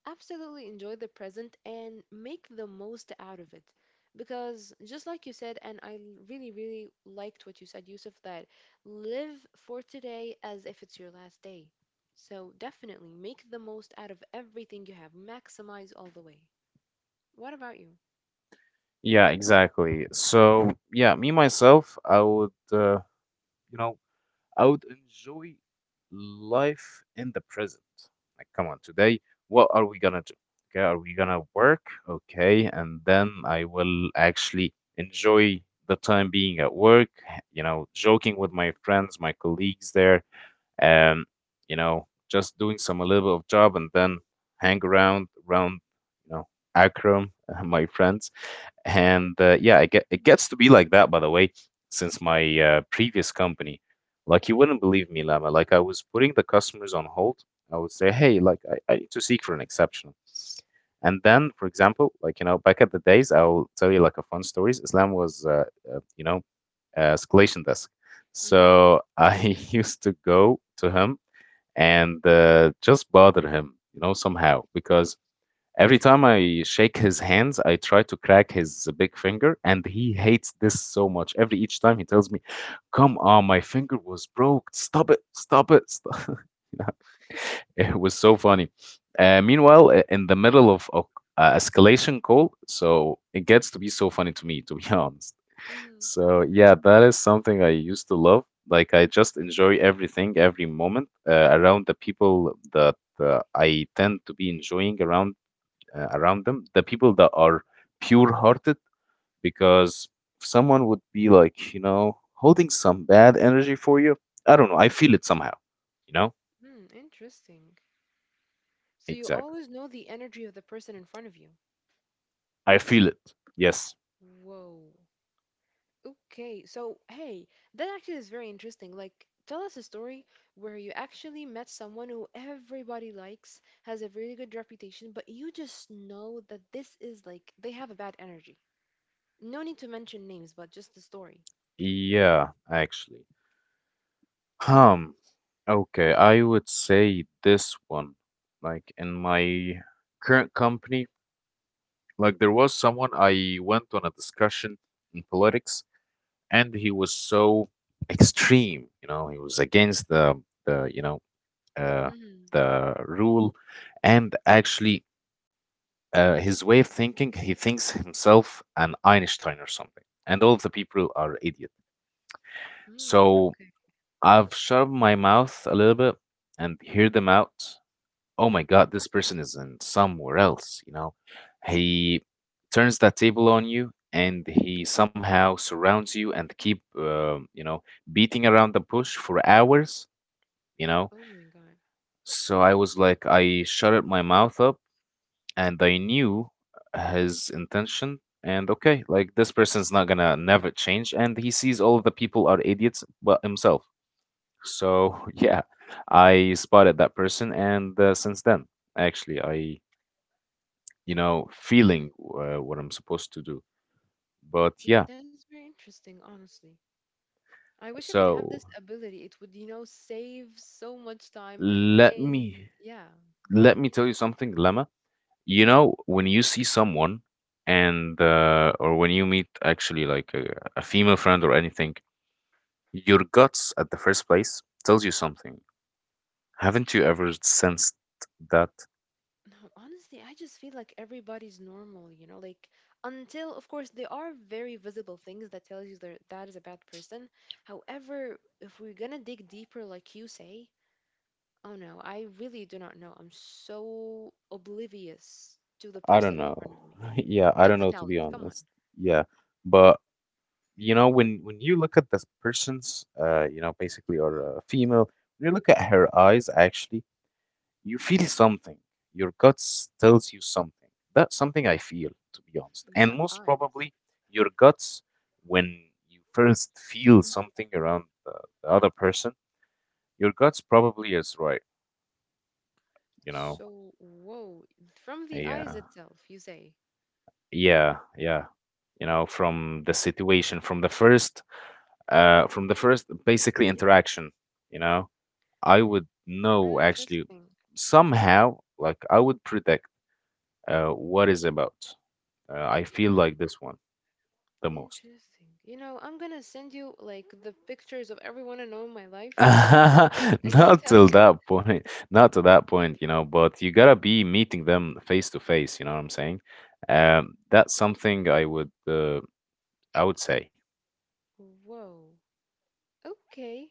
Speaker 2: Absolutely enjoy the present and make the most out of it. Because just like you said, and really, really liked what you said, Yusuf, that live for today as if it's your last day. So definitely make the most out of everything you have. Maximize all the way. What about you?
Speaker 1: Yeah, exactly. So, yeah, me myself, you know, I would enjoy life in the present. Like, come on, today, what are we gonna do? Okay, are we gonna work? Okay, and then I will actually enjoy the time being at work, joking with my friends, my colleagues there, um, just doing some a little bit of job and then hang around you know Akram, my friends, and yeah, it, get, it
Speaker 2: Mm-hmm.
Speaker 1: gets to be like that, by the way, since my previous company. Like, you wouldn't believe me, Lama. Like, I was putting the customers on hold. I would say, hey, like, I need to seek for an exception. And then, for example, like, back at the days, I'll tell you like a fun stories. Islam was, uh, you know, escalation desk. So I used to go to him and just bother him, somehow because every time I shake his hands, I try to crack his big finger, and he hates this so much. Every each time he tells me, "Come on, my finger was broke. Stop it! Stop it!" Stop. It was so funny. Meanwhile, in the middle of a escalation call, so it gets to be so funny to me, to be honest.
Speaker 2: Mm-hmm.
Speaker 1: So yeah, that is something I used to love. Like, I just enjoy everything, every moment around the people that I tend to be enjoying around the people that are pure hearted, because if someone would be like holding some bad energy for you, I don't know, I feel it somehow you know
Speaker 2: Hmm, interesting. So you
Speaker 1: exactly.
Speaker 2: always know the energy of the person in front of you.
Speaker 1: I feel it, yes.
Speaker 2: Whoa. Okay, so hey, that actually is very interesting. Like, tell us a story where you actually met someone who everybody likes, has a really good reputation, but you just know that this is like they have a bad energy. No need to mention names, but just the story.
Speaker 1: Yeah, actually,
Speaker 2: Mm,
Speaker 1: um okay, I would say this one. Like, in my current company, like, there was someone I went on a discussion in politics, and he was so extreme, you know, he was against the you know uh,
Speaker 2: mm,
Speaker 1: the rule. And actually, his way of thinking, he thinks himself an Einstein or something. And all of the people are idiot. So
Speaker 2: okay.
Speaker 1: I've shoved my mouth a little bit and heard them out. Oh my God, this person is in somewhere else. He turns that table on you, and he somehow surrounds you and keep, beating around the bush for hours, you know.
Speaker 2: Oh my God.
Speaker 1: So I was like, I shut my mouth up and I knew his intention. And okay, like, this person's not gonna never change, and he sees all of the people are idiots but himself. So yeah, I spotted that person, and since then, actually, I
Speaker 2: Mm,
Speaker 1: feeling what I'm supposed to do. But yeah,
Speaker 2: that's very interesting, honestly. I wish I could have this
Speaker 1: so
Speaker 2: ability. It would, you know, save so much time.
Speaker 1: let me
Speaker 2: And yeah,
Speaker 1: let me tell you something, Lemma. You know when you see someone and or when you meet actually like a female friend or anything. Your guts at the first place tells you something. Haven't you ever sensed that?
Speaker 2: no, honestly, I just feel like everybody's normal, you know, like until, of course, there are very visible things that tells you that that is a bad person. However, if we're gonna dig deeper, like you say, oh no, I really do not know. I'm so oblivious to the
Speaker 1: I don't
Speaker 2: person in
Speaker 1: know.
Speaker 2: front of me.
Speaker 1: Yeah, I don't
Speaker 2: That's a
Speaker 1: know, to be
Speaker 2: talent. Come on.
Speaker 1: honest. Yeah, but you know, when you look at this person's, basically, or a female, when you look at her eyes, actually, you feel something. Your guts tells you something. That's something I feel, to be honest, and
Speaker 2: The
Speaker 1: most
Speaker 2: eyes.
Speaker 1: probably your guts, when you first feel
Speaker 2: Mhm.
Speaker 1: something around the other person, your guts probably is right. you know
Speaker 2: So, whoa, from the
Speaker 1: yeah,
Speaker 2: eyes itself, you say.
Speaker 1: yeah, yeah, from the situation, from the first basically interaction, you know I would know, actually.
Speaker 2: Interesting.
Speaker 1: Somehow, like, I would predict what is about. I feel like this one the most.
Speaker 2: Interesting. You know, I'm gonna send you like the pictures of everyone I know in my life, and you
Speaker 1: not
Speaker 2: tell
Speaker 1: till
Speaker 2: me.
Speaker 1: that point not to that point But you gotta be meeting them face to face, you know what I'm saying. That's something I would say.
Speaker 2: Whoa. Okay.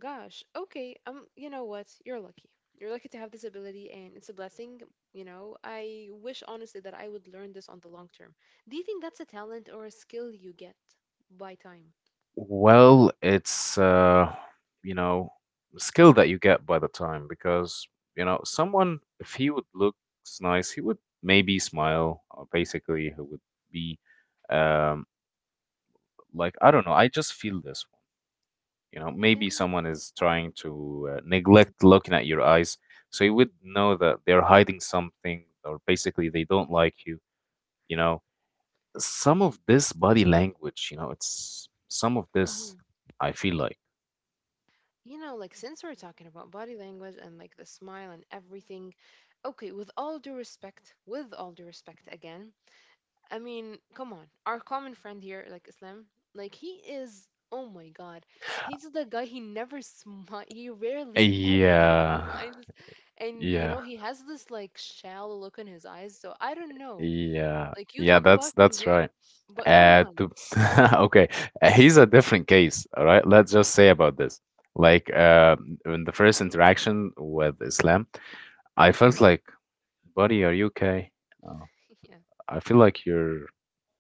Speaker 2: Gosh. Okay. You know what? You're lucky. You're lucky to have this ability, and it's a blessing. You know, I wish honestly that I would learn this on the long term. Do you think that's a talent or a skill you get by time?
Speaker 1: Well, it's you know, skill that you get by the time, because, someone if he would looks nice, he would maybe smile or basically he would be um like, I don't know, I just feel this one. You know, maybe
Speaker 2: Can.
Speaker 1: someone is trying to neglect looking at your eyes, so you would know that they're hiding something or basically they don't like you know. Some of this body language, it's some of this
Speaker 2: Mm-hmm.
Speaker 1: I feel like.
Speaker 2: You know, like since we're talking about body language and like the smile and everything, okay, with all due respect, with all due respect again, I mean, come on, our common friend here, like Islam, like he is, oh my God, he's the guy, he never smile, he rarely ever
Speaker 1: Yeah,
Speaker 2: smiles. And, you
Speaker 1: yeah,
Speaker 2: know, he has this like shallow look in his eyes. So I don't know.
Speaker 1: yeah,
Speaker 2: Like you
Speaker 1: yeah.
Speaker 2: talk
Speaker 1: That's
Speaker 2: about him
Speaker 1: that's
Speaker 2: good,
Speaker 1: right.
Speaker 2: but come
Speaker 1: Uh,
Speaker 2: on.
Speaker 1: to, okay, he's a different case. All right, let's just say about this. Like, in the first interaction with Islam, I felt like, "Buddy, are you okay?"
Speaker 2: Yeah.
Speaker 1: I feel like you're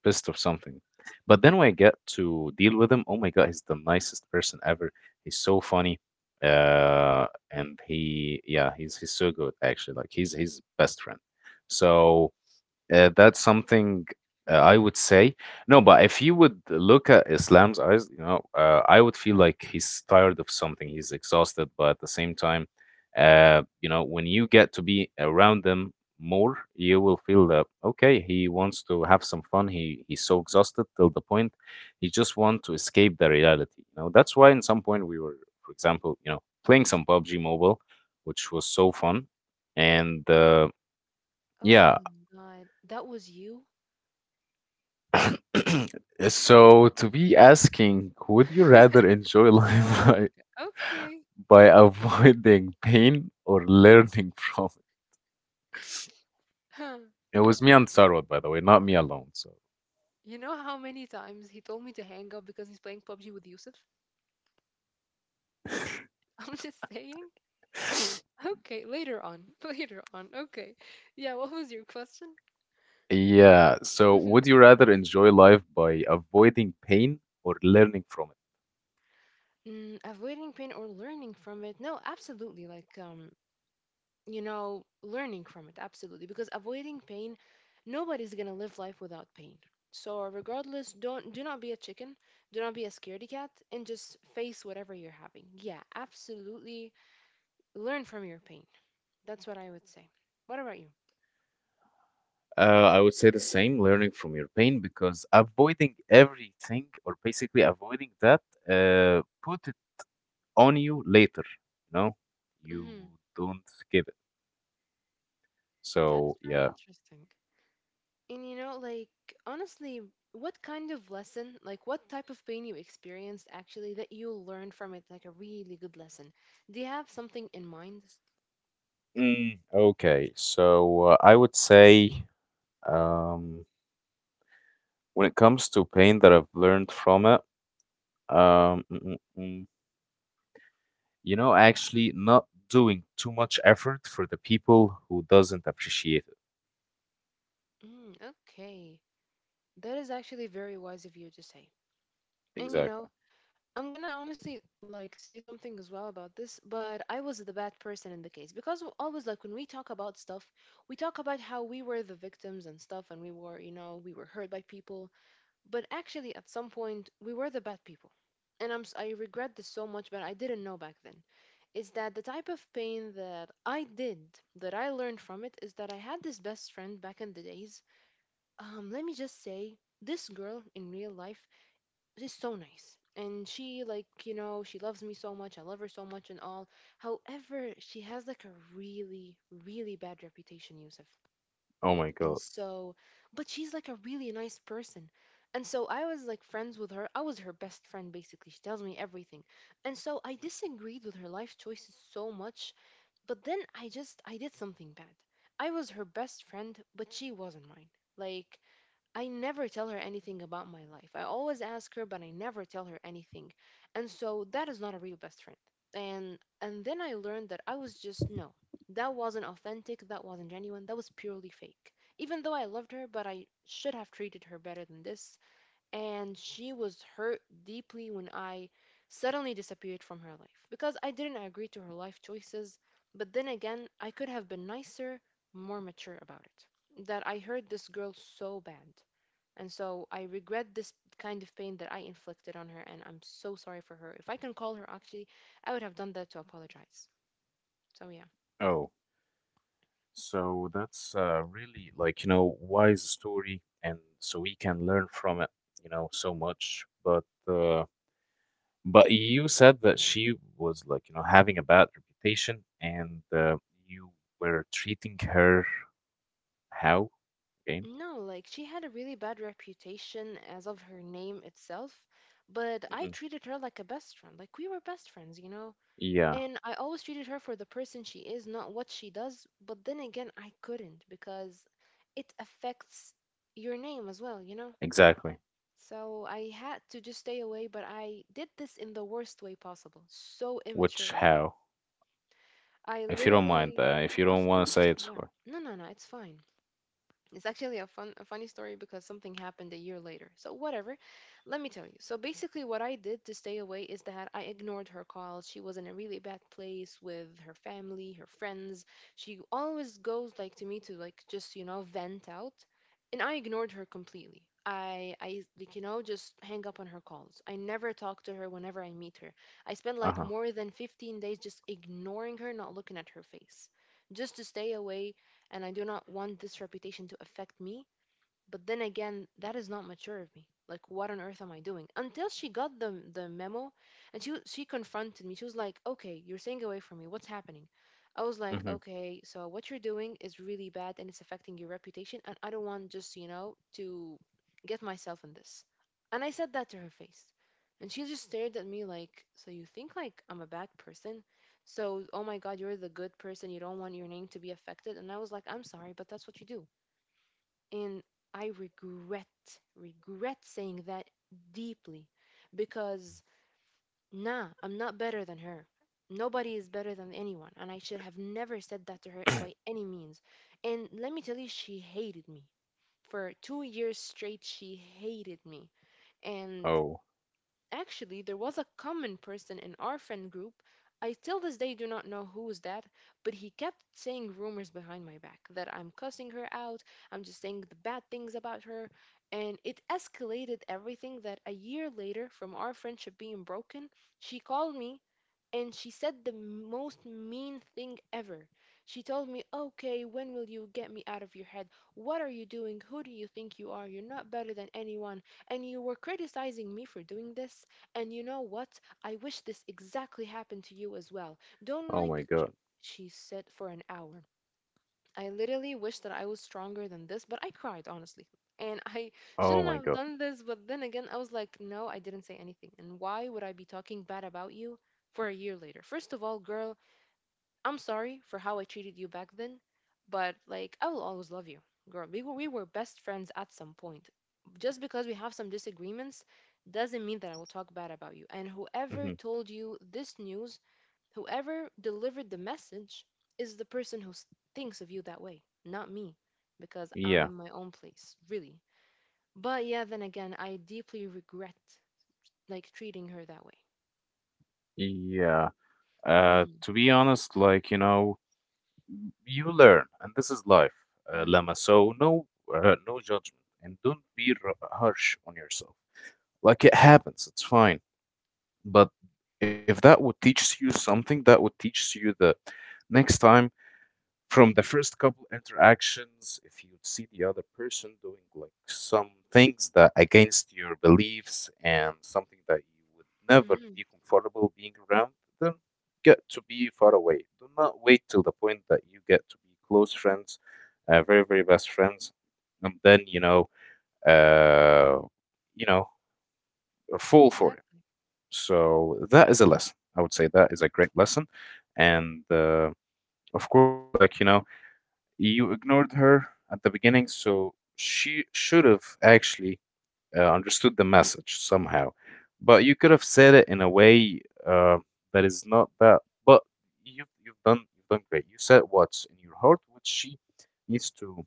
Speaker 1: pissed or something. But then when I get to deal with him, oh my God, he's the nicest person ever. He's so funny. And he, yeah, he's so good, actually. Like, he's his best friend. So that's something I
Speaker 2: Hmm.
Speaker 1: would say. No, but if you would look at Islam's eyes, I would feel like he's tired of something. He's exhausted, but at the same time, when you get to be around them more, you will feel that okay, he wants to have some fun. He's so exhausted till the point he just want to escape the reality. You know, that's why in some point we were, for example, playing
Speaker 2: Hmm.
Speaker 1: some PUBG Mobile, which was so fun, and.
Speaker 2: Oh
Speaker 1: Yeah,
Speaker 2: my God. That was you?
Speaker 1: so to be asking, would you rather enjoy life
Speaker 2: Oh
Speaker 1: by,
Speaker 2: my god. Okay.
Speaker 1: by avoiding pain or learning from
Speaker 2: Huh.
Speaker 1: it? It was me and Sarwat, by the way, not me alone. So
Speaker 2: You know how many times he told me to hang up because he's playing PUBG with Yusuf? I'm just saying. Okay, later on. Later on. Okay. Yeah, what was your question?
Speaker 1: yeah. So
Speaker 2: Mhm.
Speaker 1: would you rather enjoy life by avoiding pain or learning from it?
Speaker 2: Mm, avoiding pain or learning from it? No, absolutely. Like, you know, learning from it, absolutely. Because avoiding pain, nobody's gonna live life without pain. So regardless, don't do not be a chicken, do not be a scaredy cat, and just face whatever you're having. Yeah, absolutely. Learn from your pain. That's what I would say. What about you?
Speaker 1: I would say the same, learning from your pain, because avoiding everything or basically avoiding that, put it on you later. You know, you
Speaker 2: Hmm.
Speaker 1: don't give it.
Speaker 2: That
Speaker 1: So
Speaker 2: is very
Speaker 1: yeah.
Speaker 2: interesting. And you know, like, honestly, what kind of lesson, like, what type of pain you experienced actually that you learned from it, like a really good lesson? Do you have something in mind?
Speaker 1: Mm, okay, so I would say um, when it comes to pain that I've learned from it, um, mm, mm, mm, actually not doing too much effort for the people who doesn't appreciate it.
Speaker 2: Mm, okay. That is actually very wise of you to say. And you know,
Speaker 1: Exactly.
Speaker 2: I'm gonna honestly like say something as well about this, but I was the bad person in the case because always like when we talk about stuff, we talk about how we were the victims and stuff, and we were, you know, we were hurt by people, but actually at some point we were the bad people, and I regret this so much, but I didn't know back then. Is that the type of pain that I did that I learned from it is that I had this best friend back in the days. Let me just say. This girl in real life, just so nice. And she like, you know, she loves me so much. I love her so much and all. However, she has like a really, really bad reputation, Yusuf.
Speaker 1: Oh my
Speaker 2: And
Speaker 1: God.
Speaker 2: so, but she's like a really nice person. And so I was like friends with her. I was her best friend basically. She tells me everything. And so I disagreed with her life choices so much, but then I just I did something bad. I was her best friend, but she wasn't mine. Like I never tell her anything about my life. I always ask her, but I never tell her anything. And so that is not a real best friend. And then I learned that I was just no. That wasn't authentic, that wasn't genuine, that was purely fake. Even though I loved her, but I should have treated her better than this. And she was hurt deeply when I suddenly disappeared from her life because I didn't agree to her life choices, but then again, I could have been nicer, more mature about it that I hurt this girl so bad. And so I regret this kind of pain that I inflicted on her, and I'm so sorry for her. If I can call her, actually, I would have done that to apologize. So, yeah.
Speaker 1: Oh, so that's really, like, wise story, and so we can learn from it, so much. But you said that she was like, having a bad reputation, and you were treating her how again?
Speaker 2: No, like, she had a really bad reputation as of her name itself, but I
Speaker 1: Hmm.
Speaker 2: treated her like a best friend. Like, we were best friends, you know?
Speaker 1: Yeah,
Speaker 2: And I always treated her for the person she is, not what she does. But then again, I couldn't because it affects your name as well, you know?
Speaker 1: exactly.
Speaker 2: So I had to just stay away, but I did this in the worst way possible. So
Speaker 1: Which
Speaker 2: immature of
Speaker 1: how?
Speaker 2: me. I
Speaker 1: If you don't mind,
Speaker 2: literally,
Speaker 1: if you don't
Speaker 2: of
Speaker 1: want to say
Speaker 2: course,
Speaker 1: it's
Speaker 2: yeah.
Speaker 1: for.
Speaker 2: No, no, no, it's fine. It's actually a funny story because something happened a year later. So whatever, let me tell you. So basically what I did to stay away is that I ignored her calls. She was in a really bad place with her family, her friends. She always goes like to me to like just, you know, vent out, and I ignored her completely. I like you know just hang up on her calls. I never talk to her whenever I meet her. I spent like
Speaker 1: Uh-huh.
Speaker 2: more than 15 days just ignoring her, not looking at her face just to stay away and I do not want this reputation to affect me, but then again, that is not mature of me. Like, what on earth am I doing? Until she got the memo, and she confronted me. She was like, "Okay, you're staying away from me. What's happening?" I was like,
Speaker 1: Hmm.
Speaker 2: "Okay, so what you're doing is really bad, and it's affecting your reputation, and I don't want just you know to get myself in this." And I said that to her face, and she just stared at me like, "So you think like I'm a bad person? So oh my God, you're the good person. You don't want your name to be affected?" And I was like, "I'm sorry, but that's what you do." And I regret, regret saying that deeply because, nah, I'm not better than her. Nobody is better than anyone. And I should have never said that to her by any means. And let me tell you, she hated me. For 2 years straight, she hated me. And
Speaker 1: Oh,
Speaker 2: actually, there was a common person in our friend group. I till this day do not know who's that, but he kept saying rumors behind my back that I'm cussing her out, I'm just saying the bad things about her, and it escalated everything that a year later, from our friendship being broken, she called me and she said the most mean thing ever. She told me, Okay, when will you get me out of your head? What are you doing? Who do you think you are? You're not better than anyone. And you were criticizing me for doing this. And you know what? I wish this exactly happened to you as well. Don't
Speaker 1: oh my
Speaker 2: like.
Speaker 1: God.
Speaker 2: She said for an hour. I literally wish that I was stronger than this, but I cried, honestly. And I
Speaker 1: Oh
Speaker 2: shouldn't
Speaker 1: my
Speaker 2: have
Speaker 1: God.
Speaker 2: done this, but then again, I was like, no, I didn't say anything. And why would I be talking bad about you for a year later? First of all, girl, I'm sorry for how I treated you back then, but like, I will always love you, girl. We were best friends at some point. Just because we have some disagreements doesn't mean that I will talk bad about you. And whoever
Speaker 1: Hmm.
Speaker 2: told you this news, whoever delivered the message is the person who thinks of you that way, not me, because I'm
Speaker 1: Yeah,
Speaker 2: in my own place, really. But yeah, then again, I deeply regret like treating her that way.
Speaker 1: yeah.
Speaker 2: Mhm.
Speaker 1: To be honest, like, you learn, and this is life,
Speaker 2: Mhm.
Speaker 1: Lama. So no, no judgment, and don't be r harsh on yourself. Like, it happens, it's fine. But if that would teach you something, that would teach you the next time, from the first couple interactions, if you see the other person doing like some things that against your beliefs and something that you would never
Speaker 2: Mhm.
Speaker 1: be comfortable being around, then get to be far away. Do not wait till the point that you get to be close friends, very, very best friends, and then, uh, you know, fall for it.
Speaker 2: Exactly.
Speaker 1: So that is a lesson. I would say that is a great lesson. And of course, like, you ignored her at the beginning, so she should have actually understood the message somehow. But you could have said it in a way that is not that. But you've done great. You said what's in your heart, which she needs to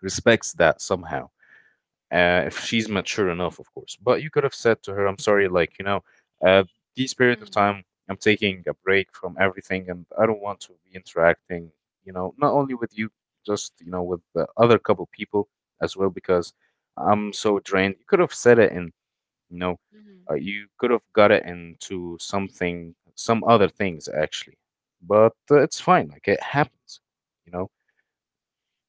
Speaker 1: respects that somehow, if she's mature enough, of course. But you could have said to her, I'm sorry, like, uh, this period of
Speaker 2: Mhm.
Speaker 1: time, I'm taking a break from everything and I don't want to be interacting, not only with you, just, with the other couple people as well, because I'm so drained. You could have said it in, you know,
Speaker 2: Mhm.
Speaker 1: you could have got it into something, some other things, actually. But it's fine. Like, it happens, you know,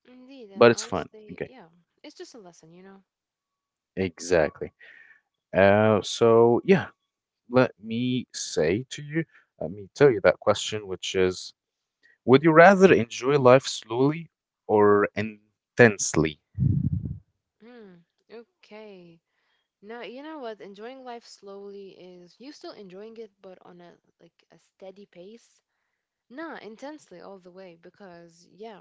Speaker 2: Indeed,
Speaker 1: but
Speaker 2: and
Speaker 1: it's fine.
Speaker 2: honestly,
Speaker 1: Okay.
Speaker 2: yeah, it's just a lesson, you know.
Speaker 1: Exactly. So yeah, let me say to you, let me tell you that question, which is, would you rather enjoy life slowly or intensely?
Speaker 2: Mm. Okay. Now, you know what? Enjoying life slowly is you still enjoying it, but on a like a steady pace. Nah, intensely all the way because yeah,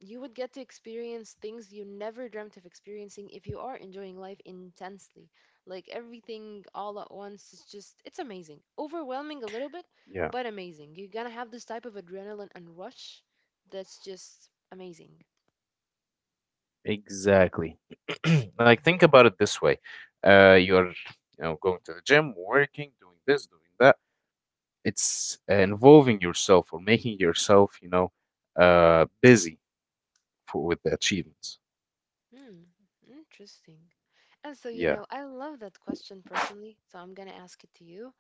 Speaker 2: you would get to experience things you never dreamt of experiencing if you are enjoying life intensely. Like everything all at once is just, it's amazing. Overwhelming a little bit,
Speaker 1: Yeah,
Speaker 2: but amazing. You're gonna have this type of adrenaline and rush that's just amazing.
Speaker 1: exactly. Like, think about it this way. You're, going to the gym, working, doing this, doing that. It's involving yourself or making yourself, you know, busy for, with the achievements.
Speaker 2: Hmm, interesting. And so, you
Speaker 1: Yeah.
Speaker 2: know, I love that question personally, so I'm gonna ask it to you.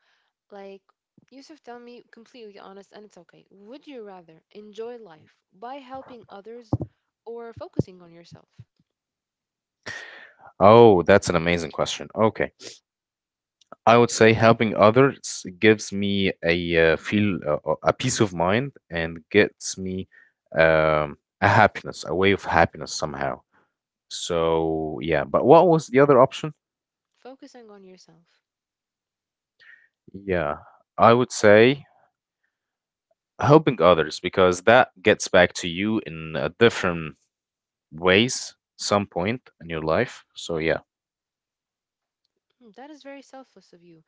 Speaker 2: Like, Yusuf, tell me completely honest, and it's okay. Would you rather enjoy life by helping others or focusing on yourself?
Speaker 1: Oh, that's an amazing question. Okay. I would say
Speaker 2: Mm,
Speaker 1: helping others gives me a feel a peace of mind and gets me um, a happiness, a way of happiness somehow. So, yeah, but what was the other option?
Speaker 2: focusing on yourself.
Speaker 1: Yeah, I would say helping others because that gets back to you in a different ways some point in your life, so yeah,
Speaker 2: Mm, that is very selfless of you.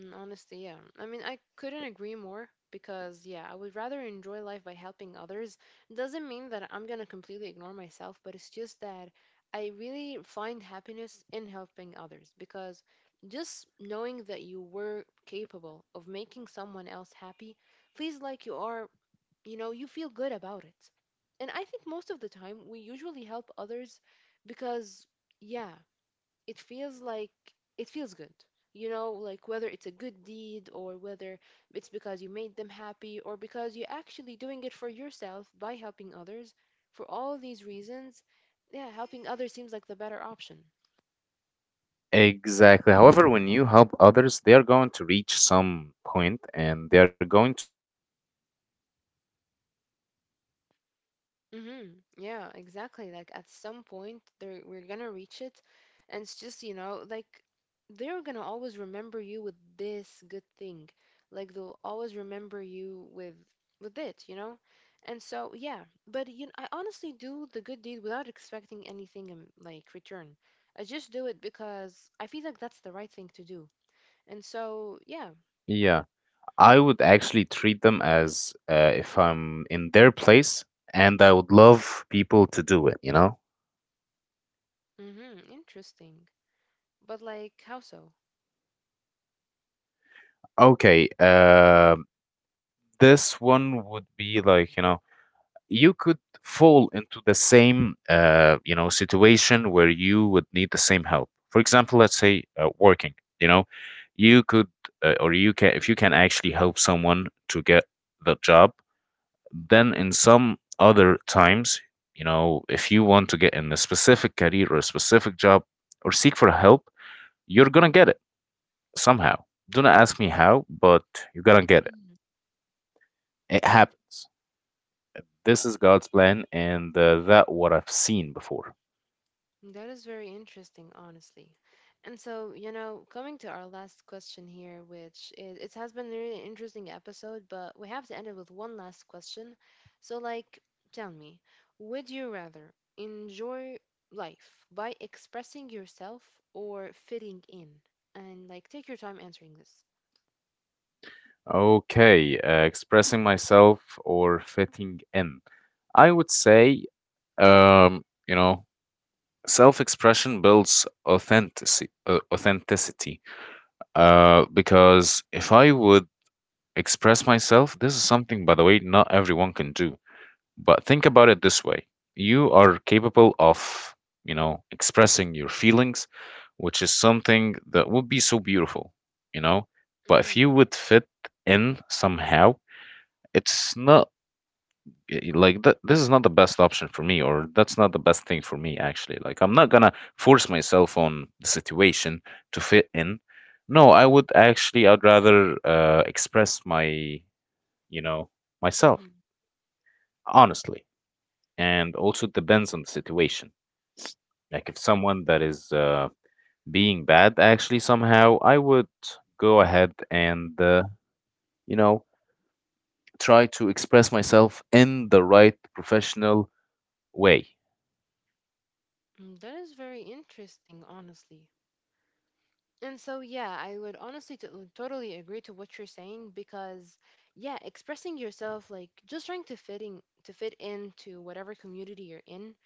Speaker 2: Mm, honestly, yeah. I mean, I couldn't agree more because, yeah, I would rather enjoy life by helping others. Doesn't mean that I'm gonna completely ignore myself, but it's just that I really find happiness in helping others because just knowing that you were capable of making someone else happy feels like you are, you know, you feel good about it. And I think most of the time we usually help others because yeah it feels like it feels good you know like whether it's a good deed or whether it's because you made them happy or because you're actually doing it for yourself by helping others for all these reasons yeah helping others seems like the better option.
Speaker 1: exactly. However, when you help others, they are going to reach some point, and they are going to, if they are good people, you know, they would go, they are going to help you back
Speaker 2: Mm-hmm.
Speaker 1: also.
Speaker 2: Yeah,
Speaker 1: They're just going
Speaker 2: exactly.
Speaker 1: to
Speaker 2: Like
Speaker 1: be,
Speaker 2: at some
Speaker 1: they
Speaker 2: point,
Speaker 1: ain't going to
Speaker 2: they're
Speaker 1: be
Speaker 2: we're gonna
Speaker 1: selfish,
Speaker 2: reach it,
Speaker 1: you know.
Speaker 2: and it's just, you know, like they're gonna always remember you with this good thing. Like they'll always remember you with it, you know? And so, yeah, but you know, I honestly do the good deed without expecting anything in like return. I just do it because I feel like that's the right thing to do. And so, yeah.
Speaker 1: Yeah, I would actually treat them as if I'm in their place, and I would love people to do it, you know.
Speaker 2: Mm-hmm. Interesting. But like, how so?
Speaker 1: Okay, this one would be like, you know, you could fall into the same, you know, situation where you would need the same help. For example, let's say working, you know, you could, or you can, if you can actually help someone to get the job, then in some other times, you know, if you want to get in a specific career or a specific job or seek for help, you're gonna get it somehow. Do not ask me how, but you're gonna get it. It happens. This is God's plan, and that what I've seen before.
Speaker 2: That is very interesting, honestly. And so, you know, coming to our last question here, which is it has been really interesting episode, but we have to end it with one last question. So, like, tell me, would you rather enjoy life by expressing yourself or fitting in? And like, take your time answering this.
Speaker 1: Okay, expressing myself or fitting in. I would say, you know, self-expression builds authenticity, authenticity. Because if I would express myself, this is something, by the way, not everyone can do. But think about it this way. You are capable of, you know, expressing your feelings, which is something that would be so beautiful, you know? But if
Speaker 2: Mm-hmm.
Speaker 1: you would fit in somehow, it's not like that, this is not the best option for me, or that's not the best thing for me actually. Like, I'm not gonna force myself on the situation to fit in. No, I would actually, I'd rather express my, you know, myself,
Speaker 2: Mm-hmm.
Speaker 1: honestly. And also it depends on the situation. Like if someone that is being bad, actually, somehow I would go ahead and you know, try to express myself in the right professional way.
Speaker 2: That is very interesting, honestly. And so, yeah, I would honestly totally agree to what you're saying because, yeah, expressing yourself, like just trying to fit in, to fit into whatever community you're in,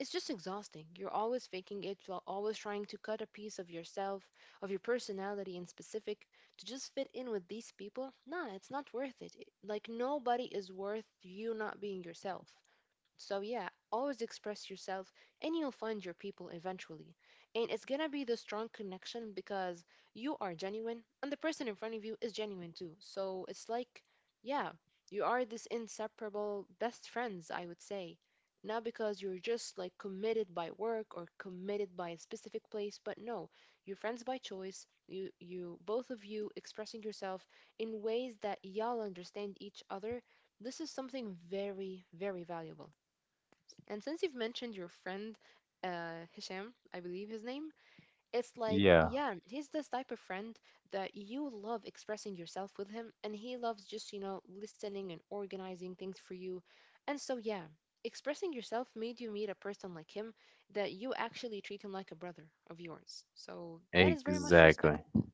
Speaker 2: it's just exhausting. You're always faking it, you're always trying to cut a piece of yourself, of your personality in specific, to just fit in with these people. Nah, it's not worth it. Like nobody is worth you not being yourself. So yeah, always express yourself and you'll find your people eventually. And it's gonna be the strong connection because you are genuine and the person in front of you is genuine too. So it's like, yeah, you are this inseparable best friends, I would say. Not because you're just like committed by work or committed by a specific place, but no, you're friends by choice. You both of you expressing yourself in ways that y'all understand each other. This is something very, very valuable. And since you've mentioned your friend, Hisham, I believe his name, it's like,
Speaker 1: Yeah,
Speaker 2: yeah, he's this type of friend that you love expressing yourself with him, and he loves just, you know, listening and organizing things for you. And so, yeah, expressing yourself made you meet a person like him that you actually treat him like a brother of yours. So that is very much
Speaker 1: exactly.
Speaker 2: respectable.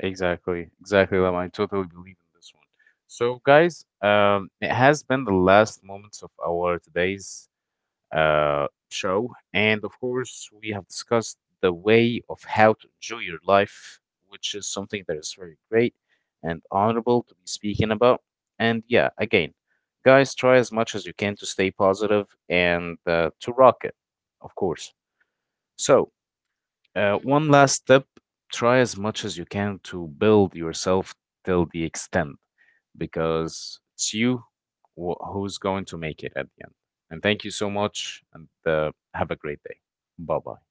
Speaker 1: Exactly. Exactly, Lemma. I
Speaker 2: Hmm.
Speaker 1: totally believe in this one. So, guys, it has been the last moments of our today's show. And of course, we have discussed the way of how to enjoy your life, which is something that is very great and honorable to be speaking about. And yeah, again, guys, try as much as you can to stay positive and to rock it, of course. So, one last tip, try as much as you can to build yourself till the extent, because it's you who's going to make it at the end. And thank you so much, and have a great day. Bye bye.